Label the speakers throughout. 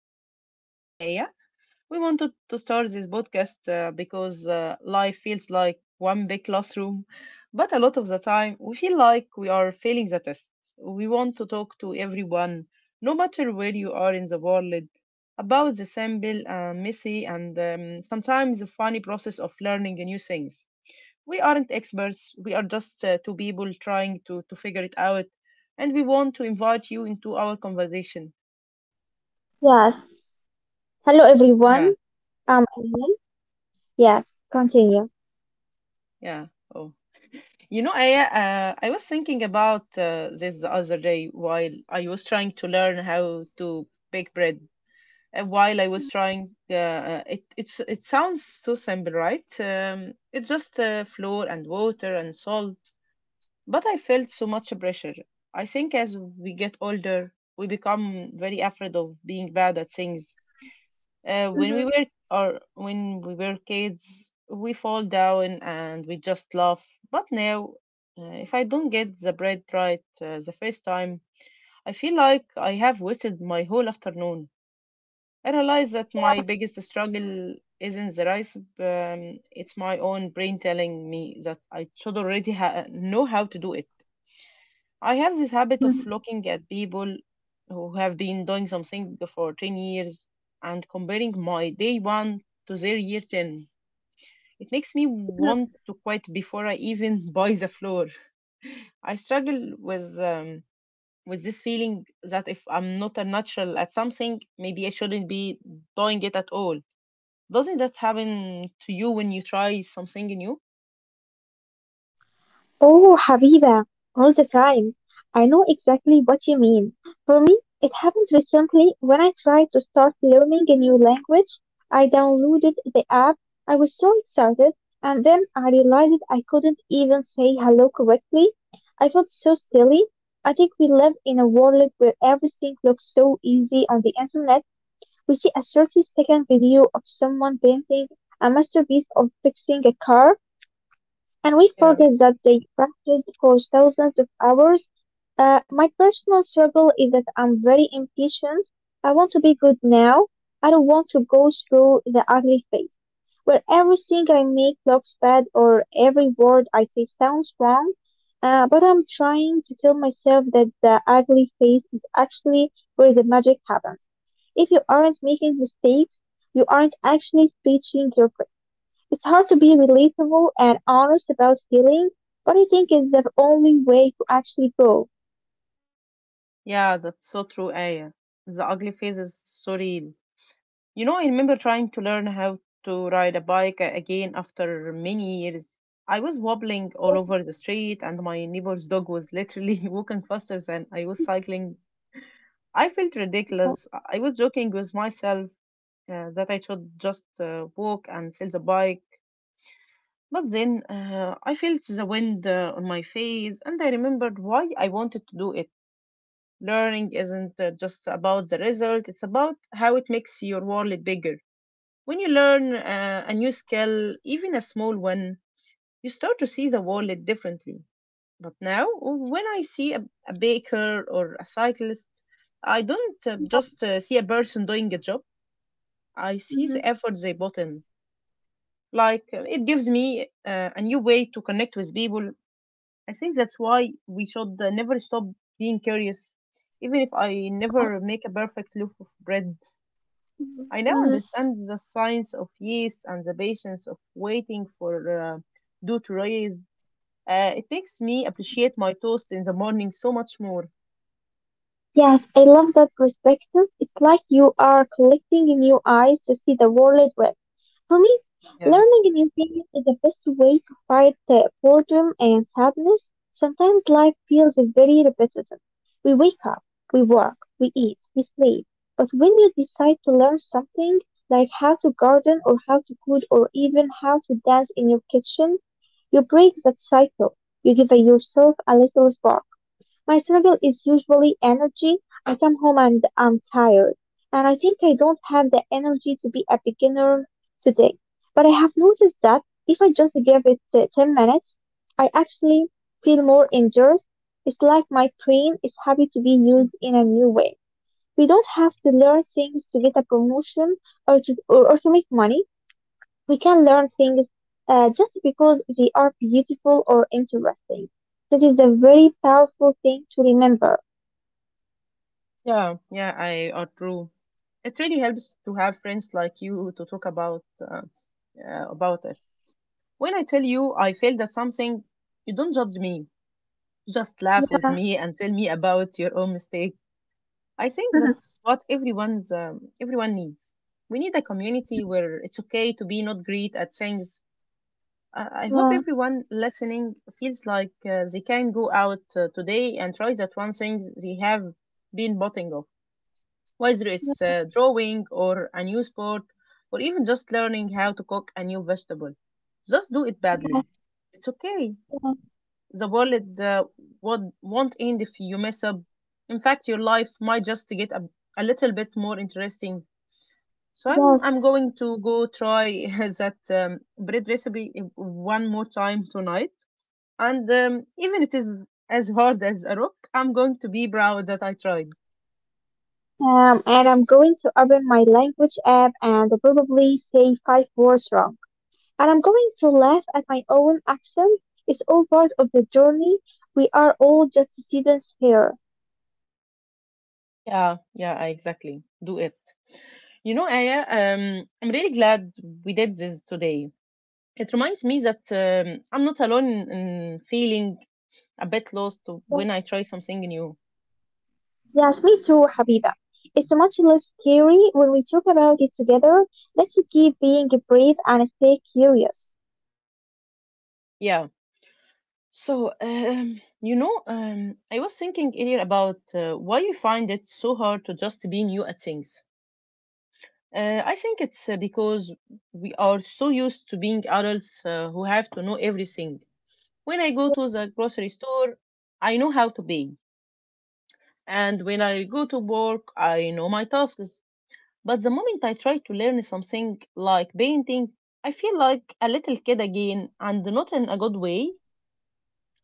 Speaker 1: my good friend Aya. We wanted to start this podcast because life feels like one big classroom, but a lot of the time we feel like we are failing the tests. We want to talk to everyone, no matter where you are in the world, about the simple, messy, and sometimes the funny process of learning new things. We aren't experts, we are just two people trying to figure it out. And we want to invite you into our conversation.
Speaker 2: Yes. Hello,
Speaker 1: Yeah,
Speaker 2: everyone. I'm Ellen. Yes. Continue.
Speaker 1: yeah. Oh, you know, I was thinking about this the other day while I was trying to learn how to bake bread. While I was
Speaker 2: Mhm.
Speaker 1: trying, it it's it sounds so simple, right? It's just flour and water and salt. But I felt so much pressure. I think as we get older, we become very afraid of being bad at things.
Speaker 2: Mhm.
Speaker 1: When we were kids, we fall down and we just laugh. But now, if I don't get the bread right the first time, I feel like I have wasted my whole afternoon. I realize that my
Speaker 2: Yeah.
Speaker 1: biggest struggle isn't the rice, it's my own brain telling me that I should already know how to do it. I have this habit of
Speaker 2: Mhm.
Speaker 1: looking at people who have been doing something for 10 years and comparing my day one to their year 10. It makes me
Speaker 2: Mhm.
Speaker 1: want to quit before I even buy the floor. I struggle with this feeling that if I'm not a natural at something, maybe I shouldn't be doing it at all. Doesn't that happen to you when you try something new?
Speaker 2: Oh, Habiba, all the time. I know exactly what you mean. For me, it happened recently when I tried to start learning a new language. I downloaded the app. I was so excited, and then I realized I couldn't even say hello correctly. I felt so silly. I think we live in a world where everything looks so easy on the internet. We see a 30-second video of someone painting a masterpiece or fixing a car, and we
Speaker 1: Yeah,
Speaker 2: forget that they practiced for thousands of hours. My personal struggle is that I'm very impatient. I want to be good now. I don't want to go through the ugly phase where everything I make looks bad or every word I say sounds wrong. But I'm trying to tell myself that the ugly phase is actually where the magic happens. If you aren't making mistakes, you aren't actually speeching your it's hard to be relatable and honest about feelings, but I think it's the only way to actually grow.
Speaker 1: yeah, that's so true, Aya. The ugly phase is so real. You know, I remember trying to learn how to ride a bike again after many years. I was wobbling
Speaker 2: Yeah,
Speaker 1: all over the street, and my neighbor's dog was literally walking faster than I was cycling. I felt ridiculous. I was joking with myself that I should just walk and sell the bike. But then I felt the wind on my face, and I remembered why I wanted to do it. Learning isn't just about the result, it's about how it makes your world bigger. When you learn a new skill, even a small one, you start to see the world differently. But now, when I see a baker or a cyclist, I don't
Speaker 2: yeah,
Speaker 1: just see a person doing a job, I see
Speaker 2: mm-hmm, yeah,
Speaker 1: the effort they put in. Like, it gives me a new way to connect with people. I think that's why we should never stop being curious, even if I
Speaker 2: mhm, yeah.
Speaker 1: never make a perfect loaf of bread. I now
Speaker 2: Mhm.
Speaker 1: understand the science of yeast and the patience of waiting for dough to rise. It makes me appreciate my toast in the morning so much more.
Speaker 2: Yes, I love that perspective. It's like you are collecting new eyes to see the world with. For me,
Speaker 1: Yeah.
Speaker 2: learning new things is the best way to fight the boredom and sadness. Sometimes life feels very repetitive. We wake up, we work, we eat, we sleep. But when you decide to learn something, like how to garden or how to cook or even how to dance in your kitchen, you break that cycle. You give yourself a little spark. My struggle is usually energy. I come home and I'm tired, and I think I don't have the energy to be a beginner today. But I have noticed that if I just give it 10 minutes, I actually feel more engaged. It's like my brain is happy to be
Speaker 1: Mm.
Speaker 2: used in a new way. We don't have to learn things to get a promotion or to make money. We can learn things just because they are beautiful or interesting. This is a very powerful thing to remember.
Speaker 1: Yeah, yeah, I are true. It really helps to have friends like you to talk about it. When I tell you I failed at something, you don't judge me. You just laugh with
Speaker 2: Yeah.
Speaker 1: me and tell me about your own mistakes. I think that's what everyone needs. We need a community
Speaker 2: Mhm.
Speaker 1: where it's okay to be not great at things. I hope
Speaker 2: Yeah.
Speaker 1: everyone listening feels like they can go out today and try that one thing they have been botting off, whether it's
Speaker 2: Yeah.
Speaker 1: drawing or a new sport or even just learning
Speaker 2: Mhm.
Speaker 1: how to cook a new vegetable. Just do it
Speaker 2: Yeah.
Speaker 1: badly. It's okay.
Speaker 2: Yeah.
Speaker 1: The world won't end if you mess up. In fact, your life might just get a little bit more interesting. So I'm
Speaker 2: Yes.
Speaker 1: I'm going to go try that bread recipe one more time tonight. And even it is as hard as a rock, I'm going to be proud that I tried.
Speaker 2: And I'm going to open my language app and probably say five words wrong. And I'm going to laugh at my own accent. It's all part of the journey. We are all just students here.
Speaker 1: Yeah, yeah, exactly. Do it. You know, Aya, I'm really glad we did this today. It reminds me that I'm not alone in feeling a bit lost
Speaker 2: Yes.
Speaker 1: when I try something new.
Speaker 2: Yes, me too, Habiba. It's much less scary when we talk about it together. Let's keep being brave and stay curious.
Speaker 1: Yeah. So, I was thinking earlier about why you find it so hard to just be new at things. I think it's because we are so used to being adults who have to know everything. When I go to the
Speaker 2: Yeah.
Speaker 1: grocery store, I know how to pay. And when I go to work, I know my tasks. But the moment I try to learn something like painting, I feel like a little kid again and not in a good way.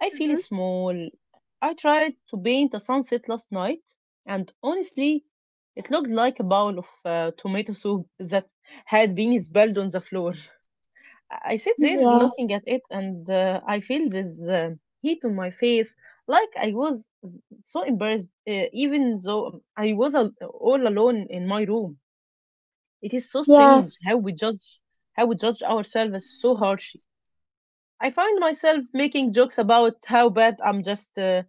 Speaker 1: I feel
Speaker 2: Mm-hmm.
Speaker 1: small. I tried to paint a sunset last night, and honestly, it looked like a bowl of tomato soup that had been spilled on the floor. I sit there
Speaker 2: Yeah.
Speaker 1: looking at it, and I feel this uh, heat on my face, like I was so embarrassed, even though I was all alone in my room. It is so
Speaker 2: Yeah.
Speaker 1: strange how we judge ourselves so harshly. I find myself making jokes about how bad I'm just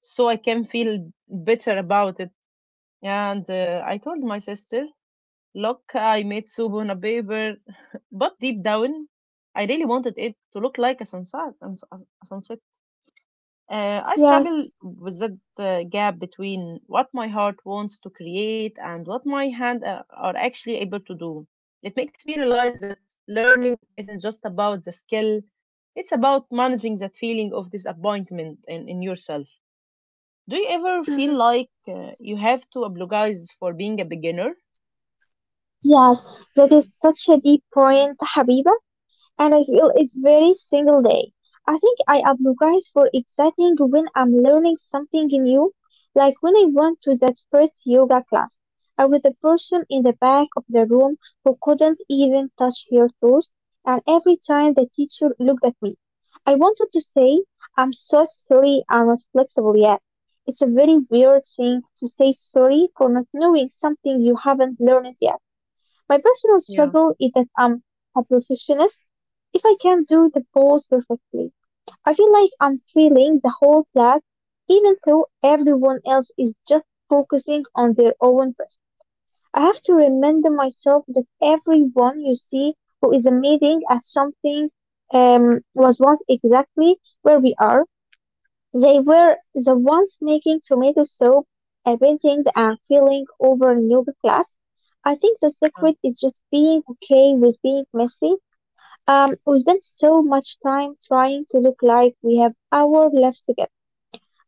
Speaker 1: so I can feel better about it. And I told my sister, "Look, I made soup on a paper," but deep down, I really wanted it to look like a sunset. A sunset. I
Speaker 2: Yeah.
Speaker 1: struggle with that gap between what my heart wants to create and what my hands are actually able to do. It makes me realize that learning isn't just about the skill, it's about managing that feeling of disappointment in yourself. Do you ever feel
Speaker 2: Mm-hmm.
Speaker 1: like you have to apologize for being a beginner?
Speaker 2: Yes, that is such a deep point, Habiba, and I feel it very single day. I think I apologize for exciting when I'm learning something new, like when I went to that first yoga class. I was the person in the back of the room who couldn't even touch her toes, and every time the teacher looked at me, I wanted to say, I'm so sorry I'm not flexible yet. It's a very weird thing to say sorry for not knowing something you haven't learned yet my personal
Speaker 1: Yeah,
Speaker 2: struggle is that I'm a perfectionist. If I can't do the pose perfectly, I feel like I'm failing the whole class, even though everyone else is just focusing on their own best. I have to remind myself that everyone you see who is amazing at something was once exactly where we are. They were the ones making tomato soup and paintings and feeling over new class. I think the
Speaker 1: yeah,
Speaker 2: secret is just being okay with being messy. We spend so much time trying to look like we have our lives together.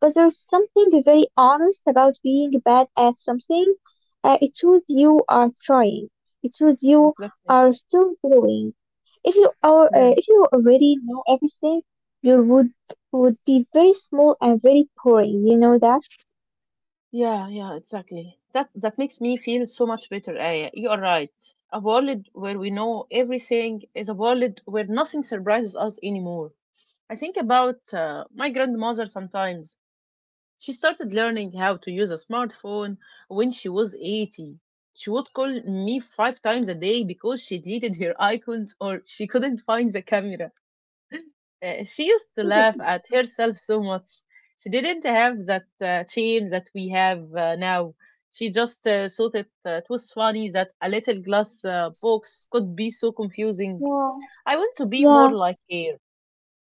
Speaker 2: But there's something very honest about being bad at something. It shows you are trying. It shows you
Speaker 1: exactly.
Speaker 2: are still growing. If you are,
Speaker 1: Yeah.
Speaker 2: if you already know everything, you would be very small and very boring. You know that?
Speaker 1: Yeah, yeah, exactly. That that makes me feel so much better, Aya. You are right. A world where we know everything is a world where nothing surprises us anymore. I think about my grandmother sometimes. She started learning how to use a smartphone when she was 80. She would call me 5 times a day because she deleted her icons or she couldn't find the camera. She used to laugh at herself so much. She didn't have that shame that we have now. She just thought it was funny that a little glass box could be so confusing.
Speaker 2: Yeah,
Speaker 1: I want to be more
Speaker 2: yeah,
Speaker 1: like her.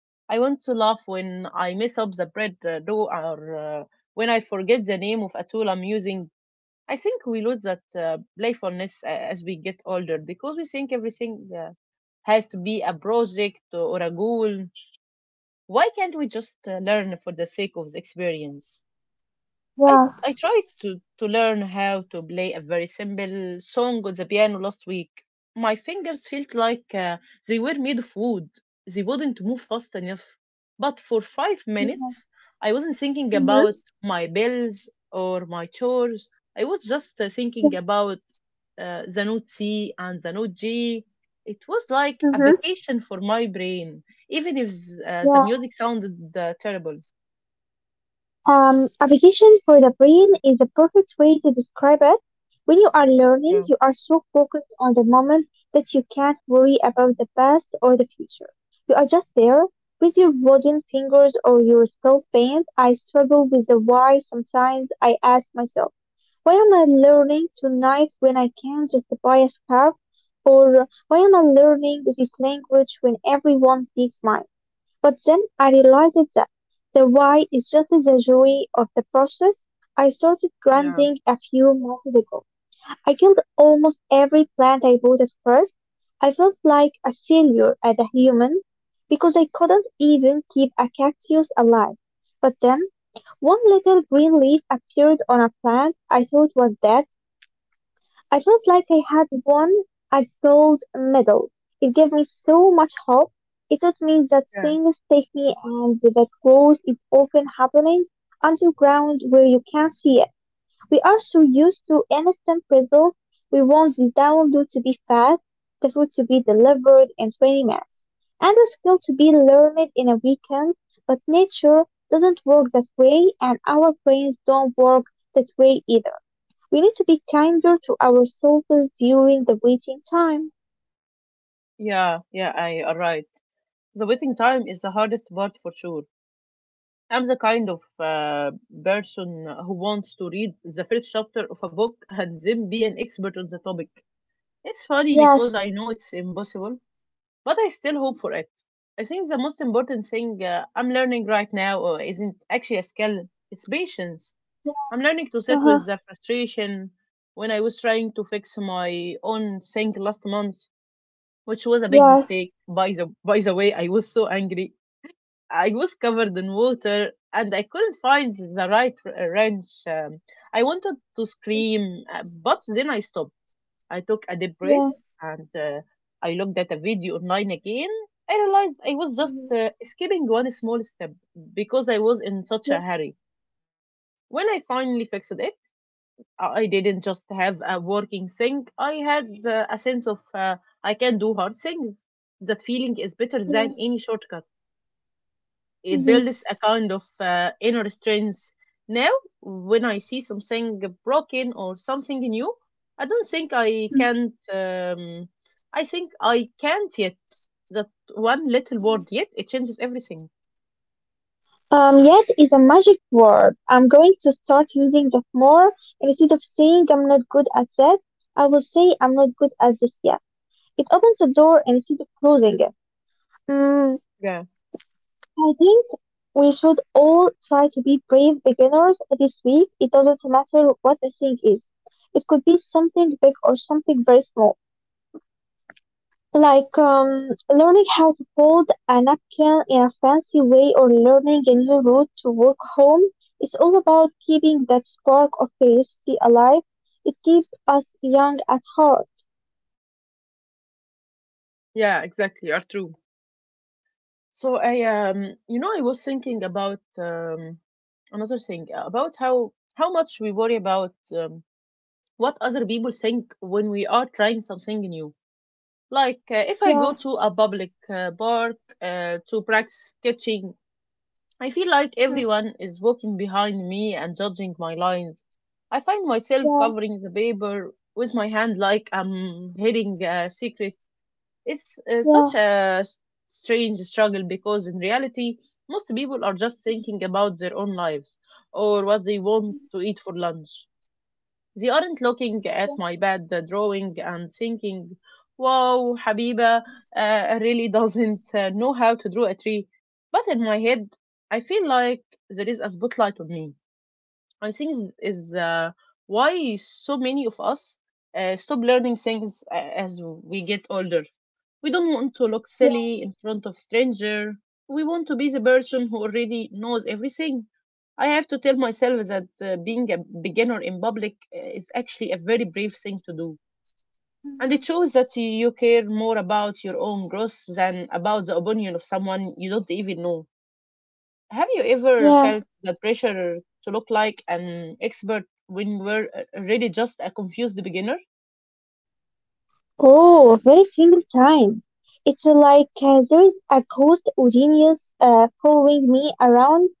Speaker 1: I want to laugh when I mess up the bread dough or when I forget the name of a tool I'm using. I think we lose that playfulness as we get older because we think everything has to be a project or a goal. Why can't we just learn for the sake of the experience? I
Speaker 2: yeah.
Speaker 1: I tried to learn how to play a very simple song on the piano last week. My fingers felt like they were made of wood. They wouldn't move fast enough. But for 5 minutes, I wasn't thinking
Speaker 2: Mm-hmm.
Speaker 1: about my bills or my chores. I was just thinking about the note C and the note G. It was like a
Speaker 2: Mm-hmm.
Speaker 1: vacation for my brain, even if the music sounded terrible.
Speaker 2: A vacation for the brain is the perfect way to describe it. When you are learning,
Speaker 1: Yeah.
Speaker 2: you are so focused on the moment that you can't worry about the past or the future. You are just there with your wooden fingers or your spelled pens. I struggle with the why sometimes. I ask myself, why am I learning tonight when I can just buy a scarf? Or why am I learning this language when everyone speaks mine? But then I realized that the why is just the joy of the process. I started
Speaker 1: Yeah.
Speaker 2: gardening a few months ago. I killed almost every plant I bought at first. I felt like a failure as a human because I couldn't even keep a cactus alive. But then one little green leaf appeared on a plant I thought was dead I felt like I had won a gold medal. It gave me so much hope. It taught me that things take me and that growth is often happening underground where you can't see it. We are so used to instant results. We want the download to be fast, the food to be delivered in 20 minutes, and the skill to be learned in a weekend. But nature doesn't work that way, and our brains don't work that way either. We need to be kinder to ourselves during the waiting time.
Speaker 1: Yeah, yeah, I are right. The waiting time is the hardest part for sure. I'm the kind of person who wants to read the first chapter of a book and then be an expert on the topic. It's funny
Speaker 2: Yes.
Speaker 1: because I know it's impossible, but I still hope for it. I think the most important thing I'm learning right now isn't actually a skill, it's patience.
Speaker 2: Yeah.
Speaker 1: I'm learning to sit with
Speaker 2: Uh-huh.
Speaker 1: the frustration when I was trying to fix my own thing last month, which was a big
Speaker 2: Yes,
Speaker 1: mistake. By the way, I was so angry. I was covered in water and I couldn't find the right wrench. I wanted to scream, but then I stopped. I took a deep
Speaker 2: yes.
Speaker 1: breath and I looked at a video online again. I realized I was just
Speaker 2: Mhm.
Speaker 1: skipping one small step because I was in such
Speaker 2: Yeah.
Speaker 1: a hurry. When I finally fixed it, I didn't just have a working thing. I had a sense of I can do hard things. That feeling is better
Speaker 2: Yeah.
Speaker 1: than any shortcut. It
Speaker 2: Mhm.
Speaker 1: builds a kind of inner strength. Now, when I see something broken or something new, I don't think I can't. I think I can't yet. That one little word yet, it changes everything.
Speaker 2: Um, yes is a magic word. I'm going to start using that more. Instead of saying I'm not good at that, I will say I'm not good at this yet. It opens the door instead of closing it. Mm.
Speaker 1: Yeah,
Speaker 2: I think we should all try to be brave beginners this week. It doesn't matter what the thing is. It could be something big or something very small, like learning how to fold a napkin in a fancy way or learning a new route to walk home. It's all about keeping that spark of curiosity alive. It keeps us young at heart.
Speaker 1: yeah, exactly. Are true. So I you know I was thinking about another thing, about how much we worry about what other people think when we are trying something new. Like, if I go
Speaker 2: Yeah,
Speaker 1: to a public park to practice sketching, I feel like
Speaker 2: yeah,
Speaker 1: everyone is walking behind me and judging my lines. I find myself covering the paper with my hand like I'm hitting a secret. It's
Speaker 2: yeah,
Speaker 1: such a strange struggle because in reality, most people are just thinking about their own lives or what they want to eat for lunch. They aren't looking
Speaker 2: yeah,
Speaker 1: at my bad drawing and thinking, wow, Habiba really doesn't know how to draw a tree. But in my head, I feel like there is a spotlight on me. I think is why so many of us stop learning things as we get older. We don't want to look
Speaker 2: yeah.
Speaker 1: silly in front of stranger. We want to be the person who already knows everything. I have to tell myself that being a beginner in public is actually a very brave thing to do. And it
Speaker 2: Mhm,
Speaker 1: shows that you care more about your own growth than about the opinion of someone you don't even know. Have you ever
Speaker 2: yeah.
Speaker 1: felt the pressure to look like an expert when you were really just a confused beginner?
Speaker 2: Oh, every single time. It's like there's a ghost genius following me around.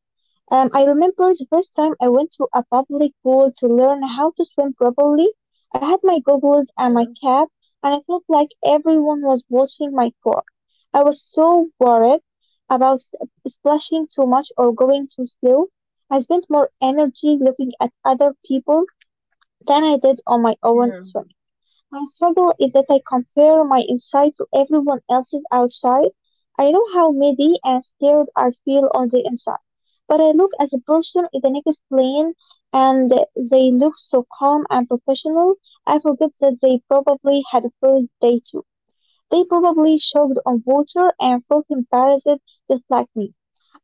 Speaker 2: I remember the first time I went to a public pool to learn how to swim properly. I had my goggles and
Speaker 1: Yeah,
Speaker 2: my cap, and I felt like everyone was watching my core. I was so worried about splashing too much or going too slow. I spent more energy looking at other people than I did on my own
Speaker 1: yeah,
Speaker 2: swim. My struggle is that I compare my inside to everyone else's outside. I know how muddy and scared I feel on the inside, but I look at the person in the next lane and they look so calm and professional. I forget that they probably had a first day too. They probably choked on water and felt embarrassed just like me.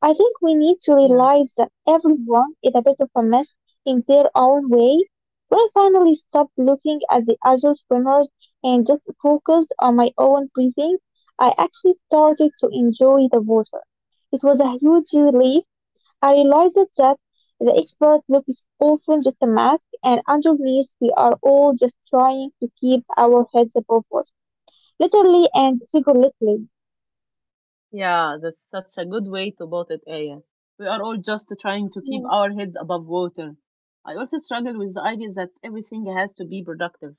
Speaker 2: I think we need to
Speaker 1: yeah,
Speaker 2: realize that everyone is a bit of a mess in their own way. When I finally stopped looking at the other swimmers and just focused on my own breathing, I actually started to enjoy the water. It was a huge relief. I realized that the expert look is often just a mask, and underneath we are all just trying to keep our heads above water, literally and figuratively.
Speaker 1: yeah. That's such a good way to put it, Aya. We are all just trying to keep
Speaker 2: Yeah,
Speaker 1: our heads above water. I also struggle with the idea that everything has to be productive.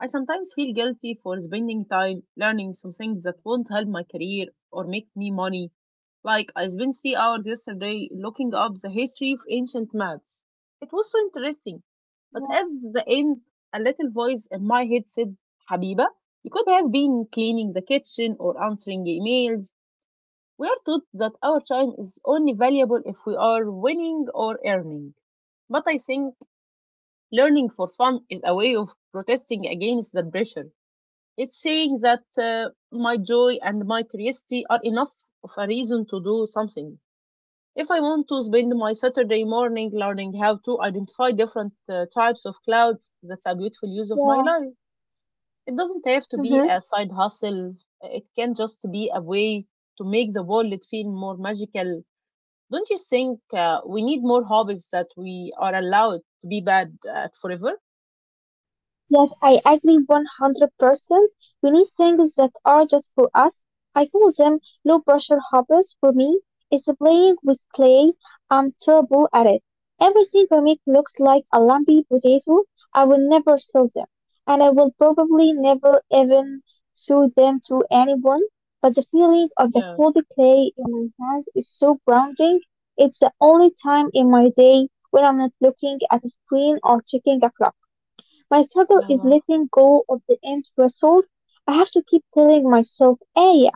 Speaker 1: I sometimes feel guilty for spending time learning some things that won't help my career or make me money. Like, I spent 3 hours yesterday looking up the history of ancient maps. It was so interesting. But at
Speaker 2: yeah,
Speaker 1: the end, a little voice in my head said, Habiba, you could have been cleaning the kitchen or answering emails. We are taught that our time is only valuable if we are winning or earning. But I think learning for fun is a way of protesting against that pressure. It's saying that my joy and my curiosity are enough of a reason to do something. If I want to spend my Saturday morning learning how to identify different types of clouds, that's a beautiful use of my
Speaker 2: yeah.
Speaker 1: life. It doesn't have to be
Speaker 2: Mhm.
Speaker 1: a side hustle, it can just be a way to make the world feel more magical. Don't you think we need more hobbies that we are allowed to be bad at forever?
Speaker 2: Yes, I agree 100%. We need things that are just for us. I call them low pressure hobbies. For me, it's playing with clay. I'm terrible at it. Everything I make looks like a lumpy potato. I will never sell them. And I will probably never even show them to anyone. But the feeling of the
Speaker 1: Yeah,
Speaker 2: cold clay in my hands is so grounding. It's the only time in my day when I'm not looking at a screen or checking a clock. My struggle
Speaker 1: yeah,
Speaker 2: is
Speaker 1: yeah.
Speaker 2: letting go of the end result. I have to keep telling myself, Aya,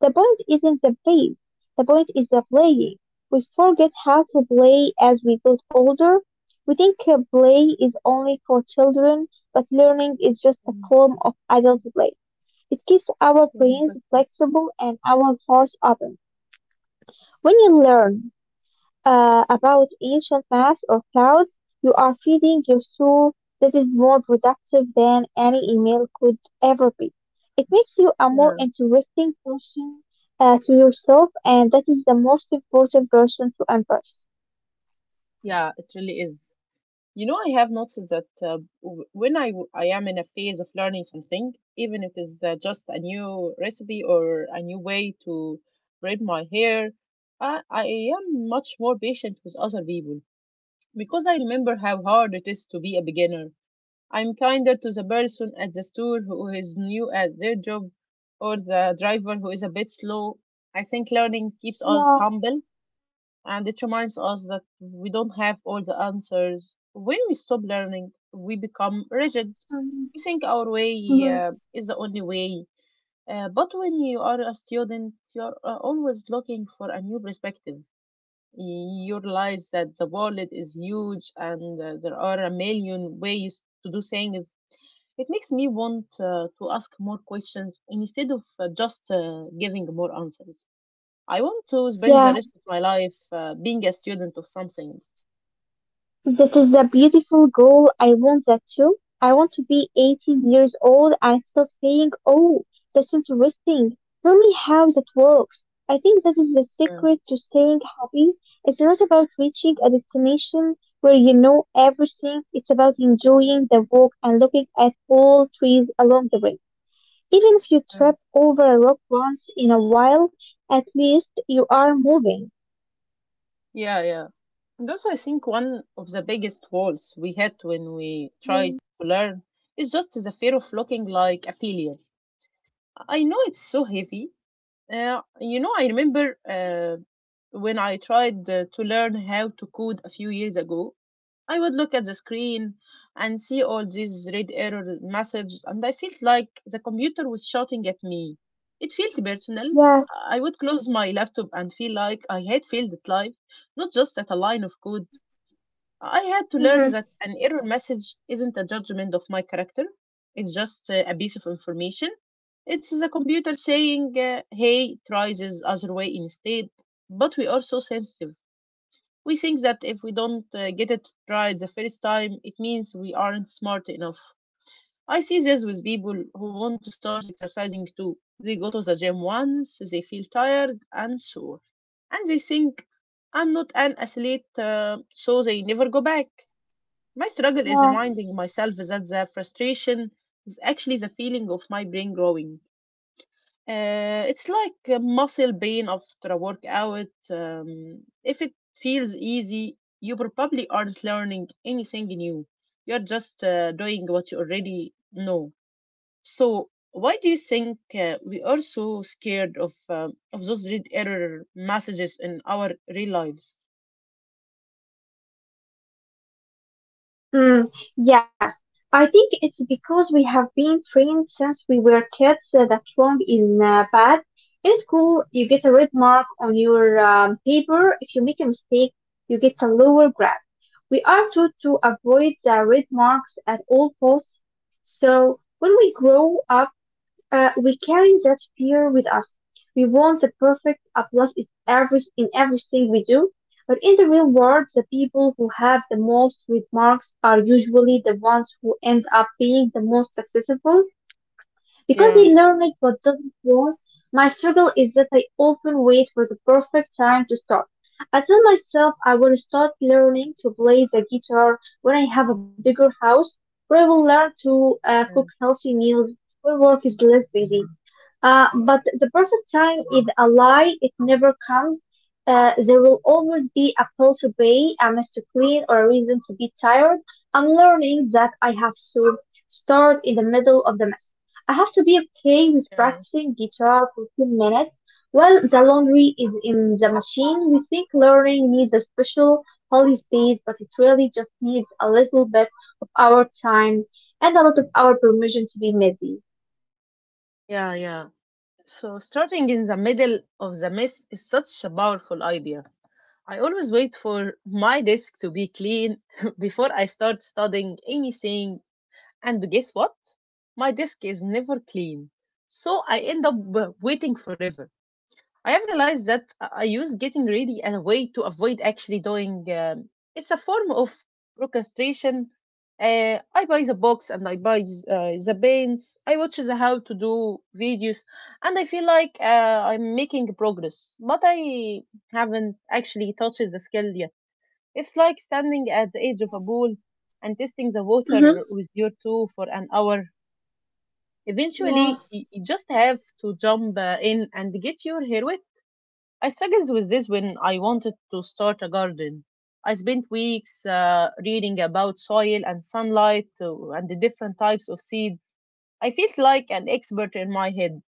Speaker 2: the point isn't the base, the point is the playing. We forget how to play as we get older. We think play is only for children, but learning is just a
Speaker 1: Mm,
Speaker 2: form of adult play. It keeps our
Speaker 1: yeah,
Speaker 2: brains
Speaker 1: exactly.
Speaker 2: flexible and our hearts open. When you learn, about ancient maths or clouds, you are feeding your soul that is more productive than any email could ever be. It makes you a more
Speaker 1: Yeah,
Speaker 2: interesting person to yourself, and that is the most important person to embrace.
Speaker 1: yeah, it really is. You know, I have noticed that when I am in a phase of learning something, even if it is just a new recipe or a new way to braid my hair, I am much more patient with other people because I remember how hard it is to be a beginner. I'm kinder to the person at the store who is new at their job or the driver who is a bit slow. I think learning keeps us
Speaker 2: Yeah.
Speaker 1: humble and it reminds us that we don't have all the answers. When we stop learning, we become rigid.
Speaker 2: Mhm,
Speaker 1: We think our way
Speaker 2: mhm.
Speaker 1: is the only way. But when you are a student, you're always looking for a new perspective. You realize that the world is huge and there are a million ways to do things. It makes me want to ask more questions instead of just giving more answers. I want to spend the
Speaker 2: Yeah.
Speaker 1: rest of my life being a student of something.
Speaker 2: This is a beautiful goal. I want that too. I want to be 80 years old and still saying, oh, that's interesting. Tell me how that works. I think that is the
Speaker 1: Yeah,
Speaker 2: secret to staying happy. It's not about reaching a destination where you know everything. It's about enjoying the walk and looking at all trees along the way. Even if you
Speaker 1: yeah,
Speaker 2: trip over a rock once in a while, at least you are moving.
Speaker 1: yeah, yeah. And also, I think one of the biggest walls we had when we tried
Speaker 2: Mm.
Speaker 1: to learn is just the fear of looking like a failure. I know it's so heavy. You know, I remember, when I tried to learn how to code a few years ago. I would look at the screen and see all these red error messages, and I felt like the computer was shouting at me. It felt personal.
Speaker 2: Yeah.
Speaker 1: I would close my laptop and feel like I had failed at life, not just at a line of code. I had to learn
Speaker 2: Hmm.
Speaker 1: that an error message isn't a judgment of my character, it's just a piece of information. It's the computer saying, hey, try this other way instead. But we are so sensitive. We think that if we don't get it right the first time, it means we aren't smart enough. I see this with people who want to start exercising too. They go to the gym once, they feel tired and sore, and they think, I'm not an athlete, so they never go back. My struggle is
Speaker 2: Yeah.
Speaker 1: reminding myself that the frustration is actually the feeling of my brain growing. It's like a muscle pain after a workout. If it feels easy, you probably aren't learning anything new. You're just doing what you already know. So, why do you think we are so scared of those red error messages in our real lives?
Speaker 2: Hmm, yes, I think it's because we have been trained since we were kids that wrong is bad. In school, you get a red mark on your paper. If you make a mistake, you get a lower grade. We are taught to avoid the red marks at all costs. So when we grow up, we carry that fear with us. We want the perfect applause in everything we do, but in the real world, the people who have the most remarks are usually the ones who end up being the most successful because they
Speaker 1: Yeah,
Speaker 2: learn it but doesn't work. My struggle is that I often wait for the perfect time to start. I tell myself I will start learning to play the guitar when I have a bigger house, or I will learn to cook
Speaker 1: yeah,
Speaker 2: healthy meals when work is less busy. But the perfect time is a lie. It never comes. There will always be a pill to pay, a mess to clean, or a reason to be tired. I'm learning that I have to start in the middle of the mess. I have to be okay with
Speaker 1: yeah,
Speaker 2: practicing guitar for 10 minutes. While the laundry is in the machine, we think learning needs a special holy space, but it really just needs a little bit of our time and a lot of our permission to be messy.
Speaker 1: yeah, yeah. So, starting in the middle of the mess is such a powerful idea. I always wait for my desk to be clean before I start studying anything. And guess what? My desk is never clean. So I end up waiting forever. I have realized that I use getting ready as a way to avoid actually doing. It's a form of procrastination. I buy the books and I buy the paints. I watch the how to do videos, and I feel like I'm making progress, but I haven't actually touched the skill yet. It's like standing at the edge of a pool and testing the water
Speaker 2: Hmm.
Speaker 1: with your toe for an hour.
Speaker 2: Yeah.
Speaker 1: Eventually, you just have to jump in and get your hair. I struggled with this when I wanted to start a garden. I spent weeks reading about soil and sunlight and the different types of seeds. I felt like an expert in my head,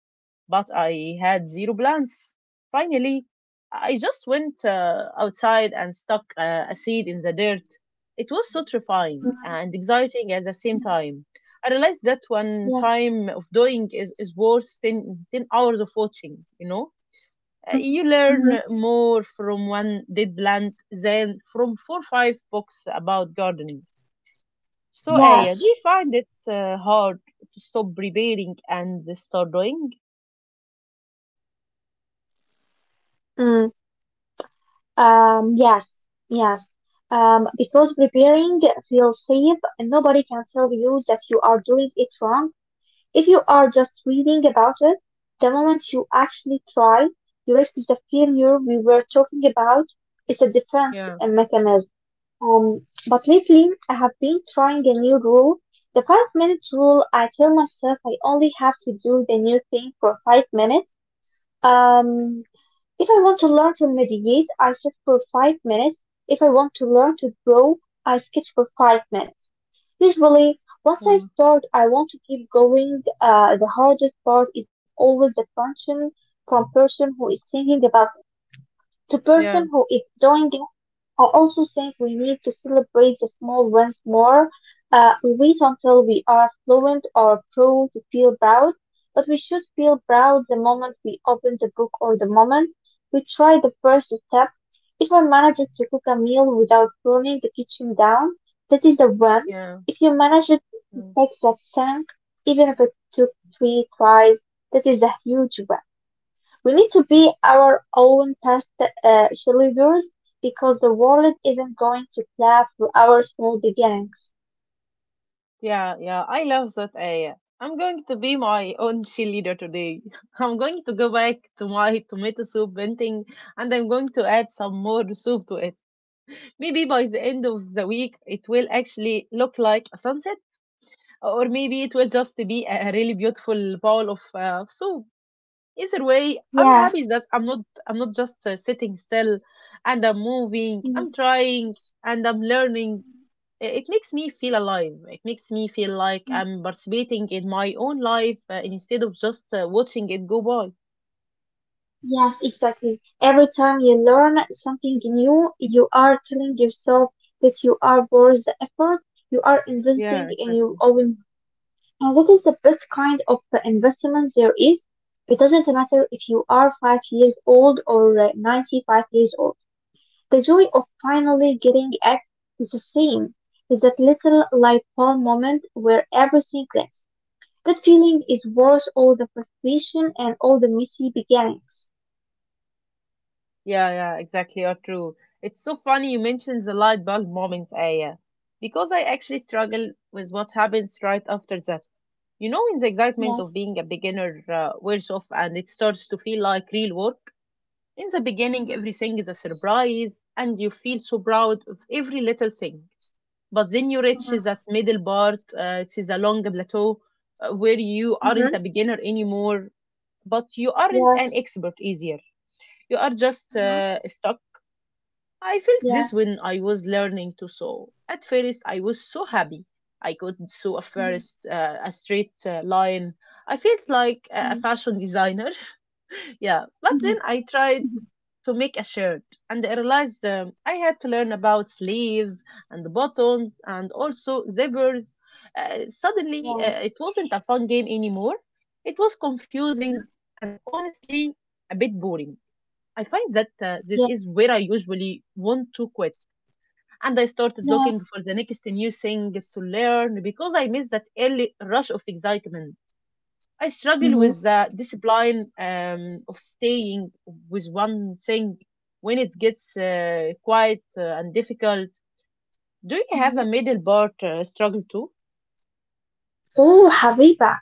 Speaker 1: but I had zero plants. Finally, I just went outside and stuck a seed in the dirt. It was so terrifying and exciting at the same time. I realized that one
Speaker 2: Yes.
Speaker 1: time of doing is worth ten hours of watching, you know? You learn
Speaker 2: Mhm.
Speaker 1: more from one dead plant than from four or five books about gardening. So,
Speaker 2: Yes.
Speaker 1: Aya, do you find it hard to stop preparing and start doing?
Speaker 2: Mm. Yes. Yes. Because preparing feels safe and nobody can tell you that you are doing it wrong. If you are just reading about it, the moment you actually try, you risk the failure we were talking about. It's a defense
Speaker 1: Yeah,
Speaker 2: mechanism. But lately I have been trying a new rule. The 5 minutes rule, I tell myself I only have to do the new thing for 5 minutes. Um, if I want to learn to meditate, I sit for 5 minutes. If I want to learn to draw, I sketch for 5 minutes. Usually, once I
Speaker 1: yeah,
Speaker 2: start, I want to keep going. The hardest part is always the transition from person who is thinking about it to
Speaker 1: yeah,
Speaker 2: person who is doing. I also think we need to celebrate the small wins more. We wait until we are fluent or pro to feel proud, but we should feel proud the moment we open the book or the moment we try the first step. If I manage to cook a meal without burning the kitchen down, that is a win.
Speaker 1: yeah,
Speaker 2: If you manage to
Speaker 1: yeah,
Speaker 2: fix a sink, even if it took three tries, that is a huge win. We need to be our own past cheerleaders because the world isn't going to clap for our small beginnings.
Speaker 1: yeah. Yeah, I love that, Aya. I'm going to be my own cheerleader today. I'm going to go back to my tomato soup painting and I'm going to add some more soup to it. Maybe by the end of the week, it will actually look like a sunset. Or maybe it will just be a really beautiful bowl of soup. Either way, I'm
Speaker 2: Yes,
Speaker 1: happy that I'm not just sitting still, and I'm moving,
Speaker 2: mm,
Speaker 1: I'm trying, and I'm learning. I- It makes me feel alive. It makes me feel like I'm participating in my own life instead of just watching it go by.
Speaker 2: yes, exactly. Every time you learn something new, you are telling yourself that you are worth the effort. You are investing
Speaker 1: Yeah,
Speaker 2: in your
Speaker 1: exactly.
Speaker 2: own. And that is the best kind of investment there is. It doesn't matter if you are 5 years old or 95 years old. The joy of finally getting it is the same. Is that little light bulb moment where everything clicks. That feeling is worth all the frustration and all the messy beginnings.
Speaker 1: Yeah, yeah, exactly. Or true. It's so funny you mentioned the light bulb moment, Aya, because I actually struggle with what happens right after that. You know, in the excitement
Speaker 2: Yeah.
Speaker 1: of being a beginner, wears off and it starts to feel like real work. In the beginning,
Speaker 2: Mhm.
Speaker 1: everything is a surprise and you feel so proud of every little thing. But then you reach
Speaker 2: Mhm.
Speaker 1: that middle part, it is a long plateau where you aren't a
Speaker 2: Mhm.
Speaker 1: beginner anymore, but you aren't an
Speaker 2: Yes.
Speaker 1: expert easier. You are just
Speaker 2: Mhm.
Speaker 1: stuck. I felt this
Speaker 2: Yeah.
Speaker 1: when I was learning to sew. At first, I was so happy. I could sew
Speaker 2: Mhm.
Speaker 1: a straight line. I felt like a
Speaker 2: Mhm.
Speaker 1: fashion designer. Yeah, but
Speaker 2: Mhm.
Speaker 1: then I tried
Speaker 2: Mhm.
Speaker 1: to make a shirt, and I realized I had to learn about sleeves and buttons and also zippers. Suddenly, it wasn't a fun game anymore. It was confusing and honestly a bit boring. I find that this
Speaker 2: Yeah. Yeah.
Speaker 1: is where I usually want to quit and I started looking
Speaker 2: Yeah.
Speaker 1: for the next new thing to learn because I miss that early rush of excitement. I struggle
Speaker 2: Mhm.
Speaker 1: with the discipline, of staying with one thing when it gets quiet and difficult. Do you have a
Speaker 2: Mhm.
Speaker 1: middle part struggle too?
Speaker 2: Oh, Habiba,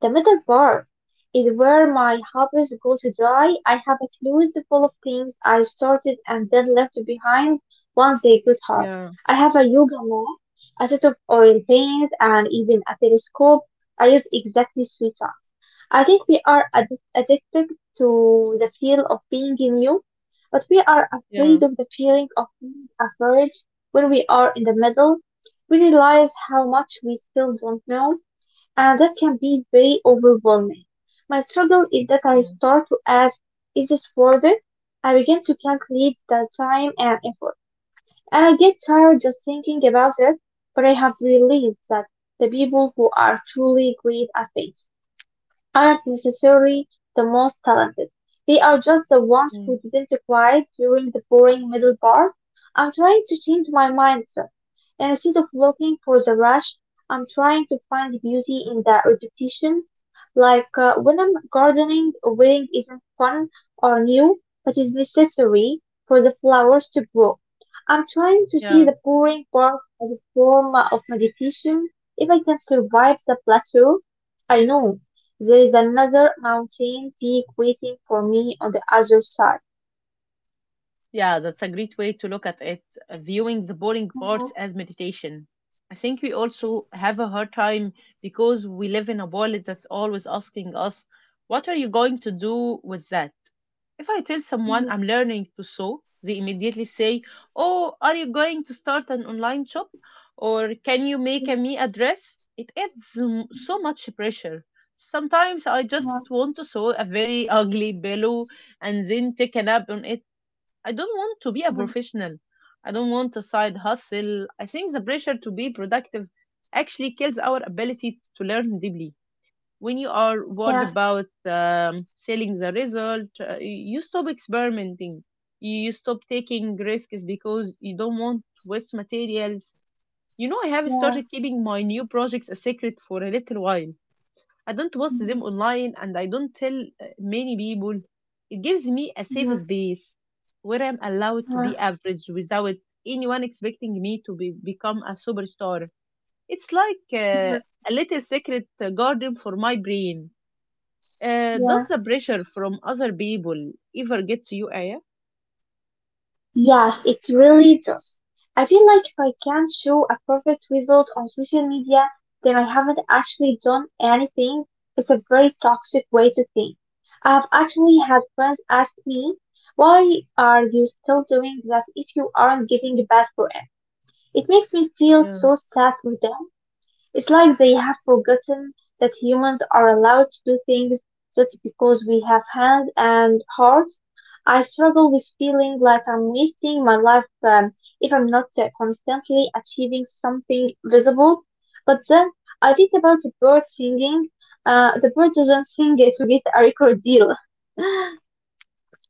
Speaker 2: the middle bar is where my hobbies go to die. I have a closet full of things I started and then left behind once they got hot.
Speaker 1: Yeah,
Speaker 2: I have a yoga mat, a set of oil paints, and even a telescope I use exactly three times. I think we are addicted to the feel of being new, but we are
Speaker 1: yeah,
Speaker 2: afraid of the feeling of being afraid when we are in the middle. We realize how much we still don't know and that can be very overwhelming. My struggle is that I
Speaker 1: yeah,
Speaker 2: start to ask, is this worth it? I begin to calculate the time and effort, and I get tired just thinking about it, but I have realized that the people who are truly great at things aren't necessarily the most talented. They are just the ones
Speaker 1: mm,
Speaker 2: who didn't quiet during the boring middle part. I'm trying to change my mindset. Instead of looking for the rush, I'm trying to find the beauty in that repetition. Like when I'm gardening, waiting isn't fun or new, but it's necessary for the flowers to grow. I'm trying to see
Speaker 1: yeah.
Speaker 2: the boring part as a form of meditation. If I can survive the plateau, I know there is another mountain peak waiting for me on the other side.
Speaker 1: Yeah, that's a great way to look at it, viewing the boring parts
Speaker 2: Mhm,
Speaker 1: as meditation. I think we also have a hard time because we live in a world that's always asking us, what are you going to do with that? If I tell someone
Speaker 2: mhm,
Speaker 1: I'm learning to sew, they immediately say, oh, are you going to start an online shop? Or can you make
Speaker 2: mhm,
Speaker 1: a me a dress? It adds so much pressure. Sometimes I just
Speaker 2: mhm,
Speaker 1: want to sew a very ugly pillow and then take a nap on it. I don't want to be a
Speaker 2: mhm.
Speaker 1: professional. I don't want a side hustle. I think the pressure to be productive actually kills our ability to learn deeply. When you are worried
Speaker 2: Yeah,
Speaker 1: about selling the result, you stop experimenting. You stop taking risks because you don't want to waste materials. You know, I have
Speaker 2: yeah,
Speaker 1: started keeping my new projects a secret for a little while. I don't post
Speaker 2: mhm,
Speaker 1: them online and I don't tell many people. It gives me a safe
Speaker 2: mhm,
Speaker 1: space where I'm allowed to be
Speaker 2: mhm,
Speaker 1: average without anyone expecting me to be, become a superstar. It's like
Speaker 2: mhm,
Speaker 1: a little secret garden for my brain. Uh,
Speaker 2: yeah.
Speaker 1: does the pressure from other people ever get to you, Aya?
Speaker 2: Yes, it really does. I feel like if I can't show a perfect result on social media, then I haven't actually done anything. It's a very toxic way to think. I've actually had friends ask me, why are you still doing that if you aren't getting the best for. It makes me feel
Speaker 1: Yeah,
Speaker 2: so sad for them. It's like they have forgotten that humans are allowed to do things just because we have hands and hearts. I struggle with feeling like I'm wasting my life if I'm not constantly achieving something visible. But then I think about the bird singing. The bird doesn't sing it to get a record deal.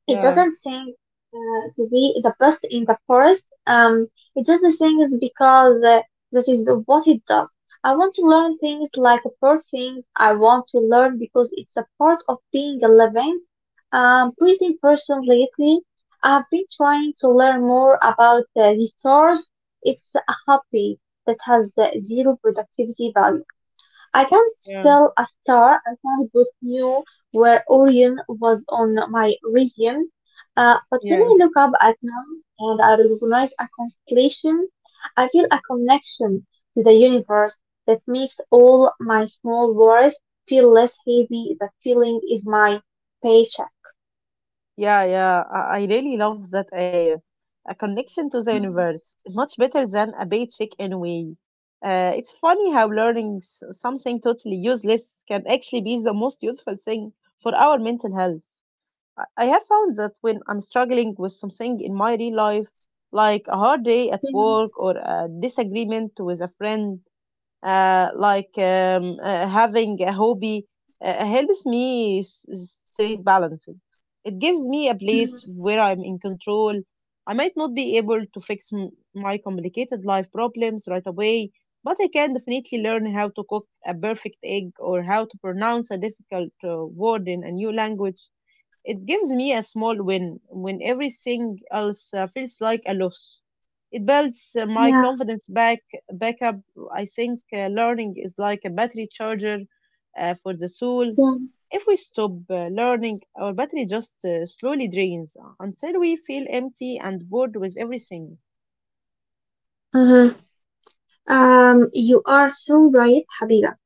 Speaker 2: It
Speaker 1: yeah,
Speaker 2: doesn't think to be the best in the forest. He just thinks because that is what it does. I want to learn things like bird things. I want to learn because it's a part of being a living, breathing person lately. I've been trying to learn more about the stars. It's a hobby that has zero productivity value. I can't
Speaker 1: yeah,
Speaker 2: sell a star. I can't put new where Orion was on my resume. But when
Speaker 1: yeah.
Speaker 2: I look up at them and I recognize a constellation, I feel a connection to the universe that makes all my small worries feel less heavy. That feeling is my paycheck.
Speaker 1: Yeah, yeah, I really love that idea. A connection to the
Speaker 2: Mhm.
Speaker 1: universe is much better than a paycheck anyway. It's funny how learning something totally useless can actually be the most useful thing for our mental health. I have found that when I'm struggling with something in my real life, like a hard day at
Speaker 2: Mhm.
Speaker 1: work or a disagreement with a friend, having a hobby helps me stay balanced. It gives me a place
Speaker 2: Mhm.
Speaker 1: where I'm in control. I might not be able to fix my complicated life problems right away, but I can definitely learn how to cook a perfect egg or how to pronounce a difficult word in a new language. It gives me a small win when everything else feels like a loss. It builds my
Speaker 2: Yeah,
Speaker 1: confidence back up. I think learning is like a battery charger for the soul.
Speaker 2: yeah.
Speaker 1: If we stop learning, our battery just slowly drains until we feel empty and bored with everything.
Speaker 2: Uh-huh. You are so right, Habiba.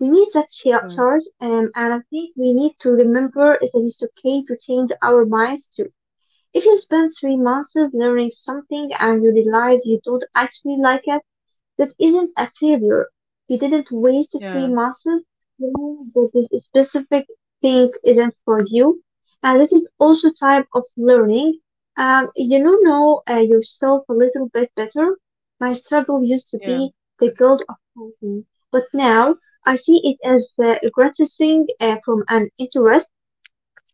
Speaker 2: We need that
Speaker 1: Yeah,
Speaker 2: charge, and I think we need to remember that it's okay to change our minds too. If you spend 3 months learning something and you realize you don't actually like it, that isn't a failure. You didn't waste three
Speaker 1: yeah,
Speaker 2: months knowing that this specific thing isn't for you. And this is also time of learning. You know, yourself a little bit better. My struggle used to
Speaker 1: yeah,
Speaker 2: be the guilt of fighting, but now I see it as gratifying from an interest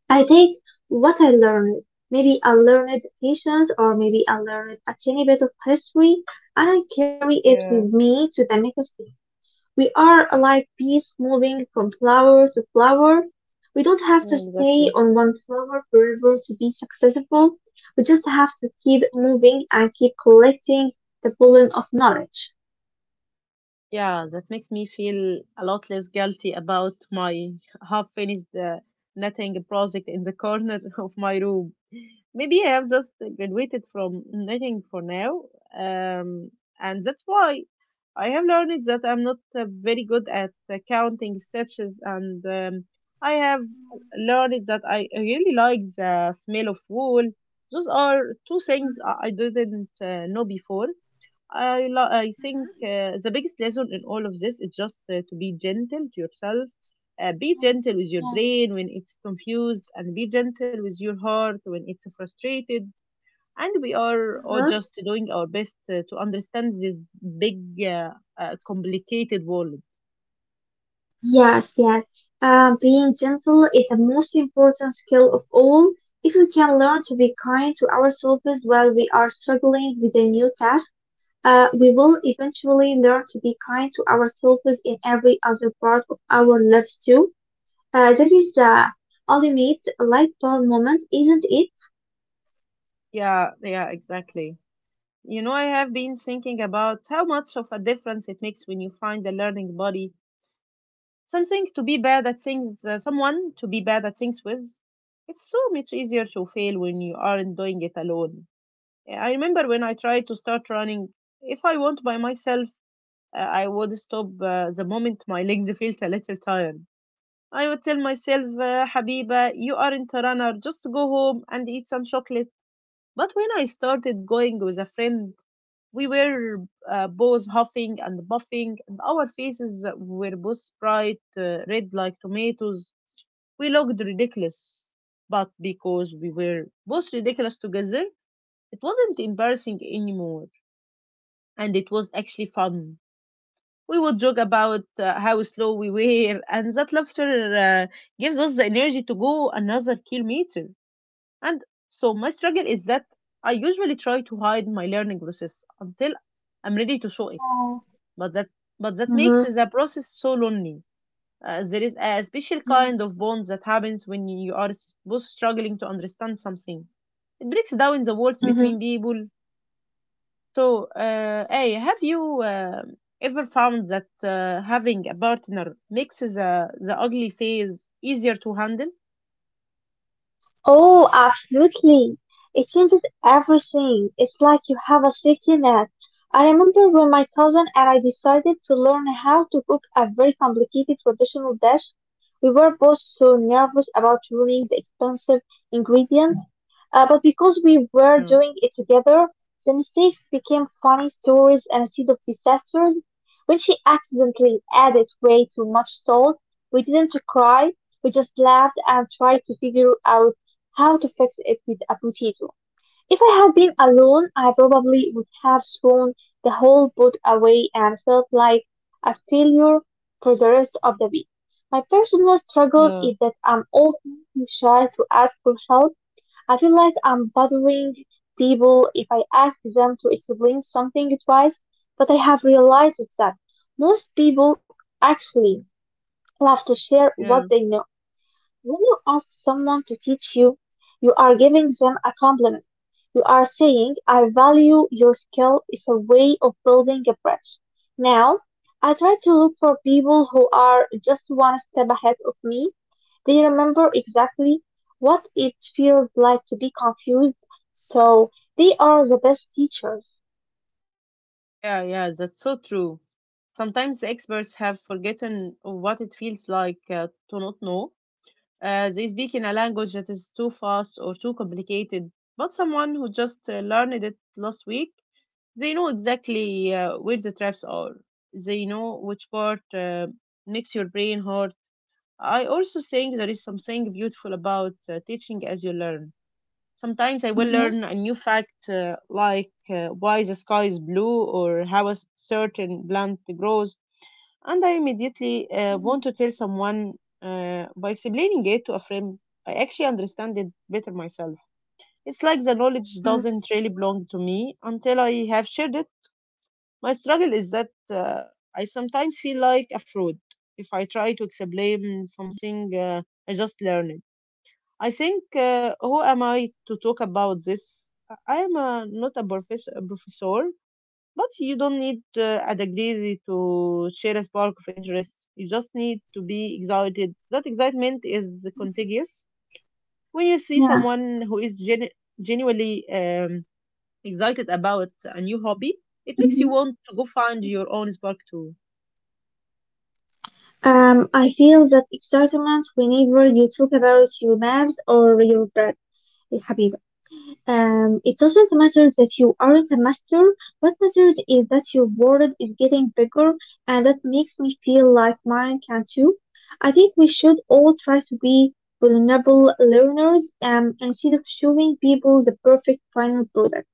Speaker 2: I take what I learned. Maybe I learned patience or maybe I learned a tiny bit of history and I carry it with
Speaker 1: yeah,
Speaker 2: me to the next day. We are like bees moving from flower to flower. We don't have to
Speaker 1: yeah,
Speaker 2: stay
Speaker 1: exactly.
Speaker 2: on one flower forever to be successful. We just have to keep moving and keep collecting the pollen of knowledge.
Speaker 1: Yeah, that makes me feel a lot less guilty about my half finished knitting project in the corner of my room. Maybe I have just graduated from knitting for now, um, and that's why I have learned that I'm not very good at counting stitches, and I have learned that I really like the smell of wool. Those are two things I didn't know before I think the biggest lesson in all of this is just to be gentle to yourself. Be gentle with your brain when it's confused, and be gentle with your heart when it's frustrated. And we are all just doing our best to understand this big, complicated world.
Speaker 2: Yes, yes. Being gentle is the most important skill of all. If we can learn to be kind to ourselves while we are struggling with a new task, we will eventually learn to be kind to ourselves in every other part of our lives too. That is the ultimate light bulb moment, isn't it?
Speaker 1: Yeah, yeah, exactly. You know, I have been thinking about how much of a difference it makes when you find a learning body. Something to be bad at things, someone to be bad at things with. It's so much easier to fail when you aren't doing it alone. Yeah, I remember when I tried to start running, if I went by myself, I would stop the moment my legs felt a little tired. I would tell myself, Habiba, you aren't a runner, just go home and eat some chocolate. But when I started going with a friend, we were both huffing and puffing, and our faces were both bright red like tomatoes. We looked ridiculous, but because we were both ridiculous together, it wasn't embarrassing anymore, and it was actually fun. We would joke about how slow we were, and that laughter uh, gives us the energy to go another kilometer. And so, my struggle is that I usually try to hide my learning process until I'm ready to show it.
Speaker 2: Oh,
Speaker 1: But that but that makes
Speaker 2: mm-hmm.
Speaker 1: the process so lonely. There is a special kind of bond that happens when you are both struggling to understand something. It breaks down the walls
Speaker 2: Mhm.
Speaker 1: between people. So, hey, have you ever found that having a partner makes the ugly phase easier to handle?
Speaker 2: Oh, absolutely. It changes everything. It's like you have a safety net. I remember when my cousin and I decided to learn how to cook a very complicated traditional dish. We were both so nervous about ruining the expensive ingredients but because we were
Speaker 1: Yeah,
Speaker 2: doing it together, the mistakes became funny stories instead of disasters. When she accidentally added way too much salt, we didn't cry, we just laughed and tried to figure out how to fix it with a potato. If I had been alone, I probably would have thrown the whole book away and felt like a failure for the rest of the week. My personal struggle
Speaker 1: yeah,
Speaker 2: is that I'm often too shy to ask for help. I feel like I'm bothering people if I ask them to explain something twice, but I have realized that most people actually love to share
Speaker 1: yeah,
Speaker 2: what they know. When you ask someone to teach you, you are giving them a compliment. You are saying, I value your skill. It's a way of building a bridge. Now, I try to look for people who are just one step ahead of me. They remember exactly what it feels like to be confused, so they are the best teachers.
Speaker 1: yeah, yeah. That's so true. Sometimes experts have forgotten what it feels like to not know they speak in a language that is too fast or too complicated. But someone who just learned it last week, they know exactly where the traps are. They know which part makes your brain hurt. I also think there is something beautiful about teaching as you learn. Sometimes I will
Speaker 2: Mhm.
Speaker 1: learn a new fact, why the sky is blue or how a certain plant grows. And I immediately want to tell someone by explaining it to a friend. I actually understand it better myself. It's like the knowledge
Speaker 2: Mm,
Speaker 1: doesn't really belong to me until I have shared it. My struggle is that I sometimes feel like a fraud if I try to explain something I just learned. I think, who am I to talk about this? I am not a professor, but you don't need a degree to share a spark of interest. You just need to be excited. That excitement is contagious. When you see
Speaker 2: yeah.
Speaker 1: someone who is genuinely excited about a new hobby, it makes you
Speaker 2: Mhm.
Speaker 1: want to go find your own spark too.
Speaker 2: I feel that excitement whenever you talk about your labs or your bread. يا حبيبي it doesn't matter that you aren't a master. What matters is that your world is getting bigger, and that makes me feel like mine can too. I think we should all try to be vulnerable learners. Instead of showing people the perfect final product,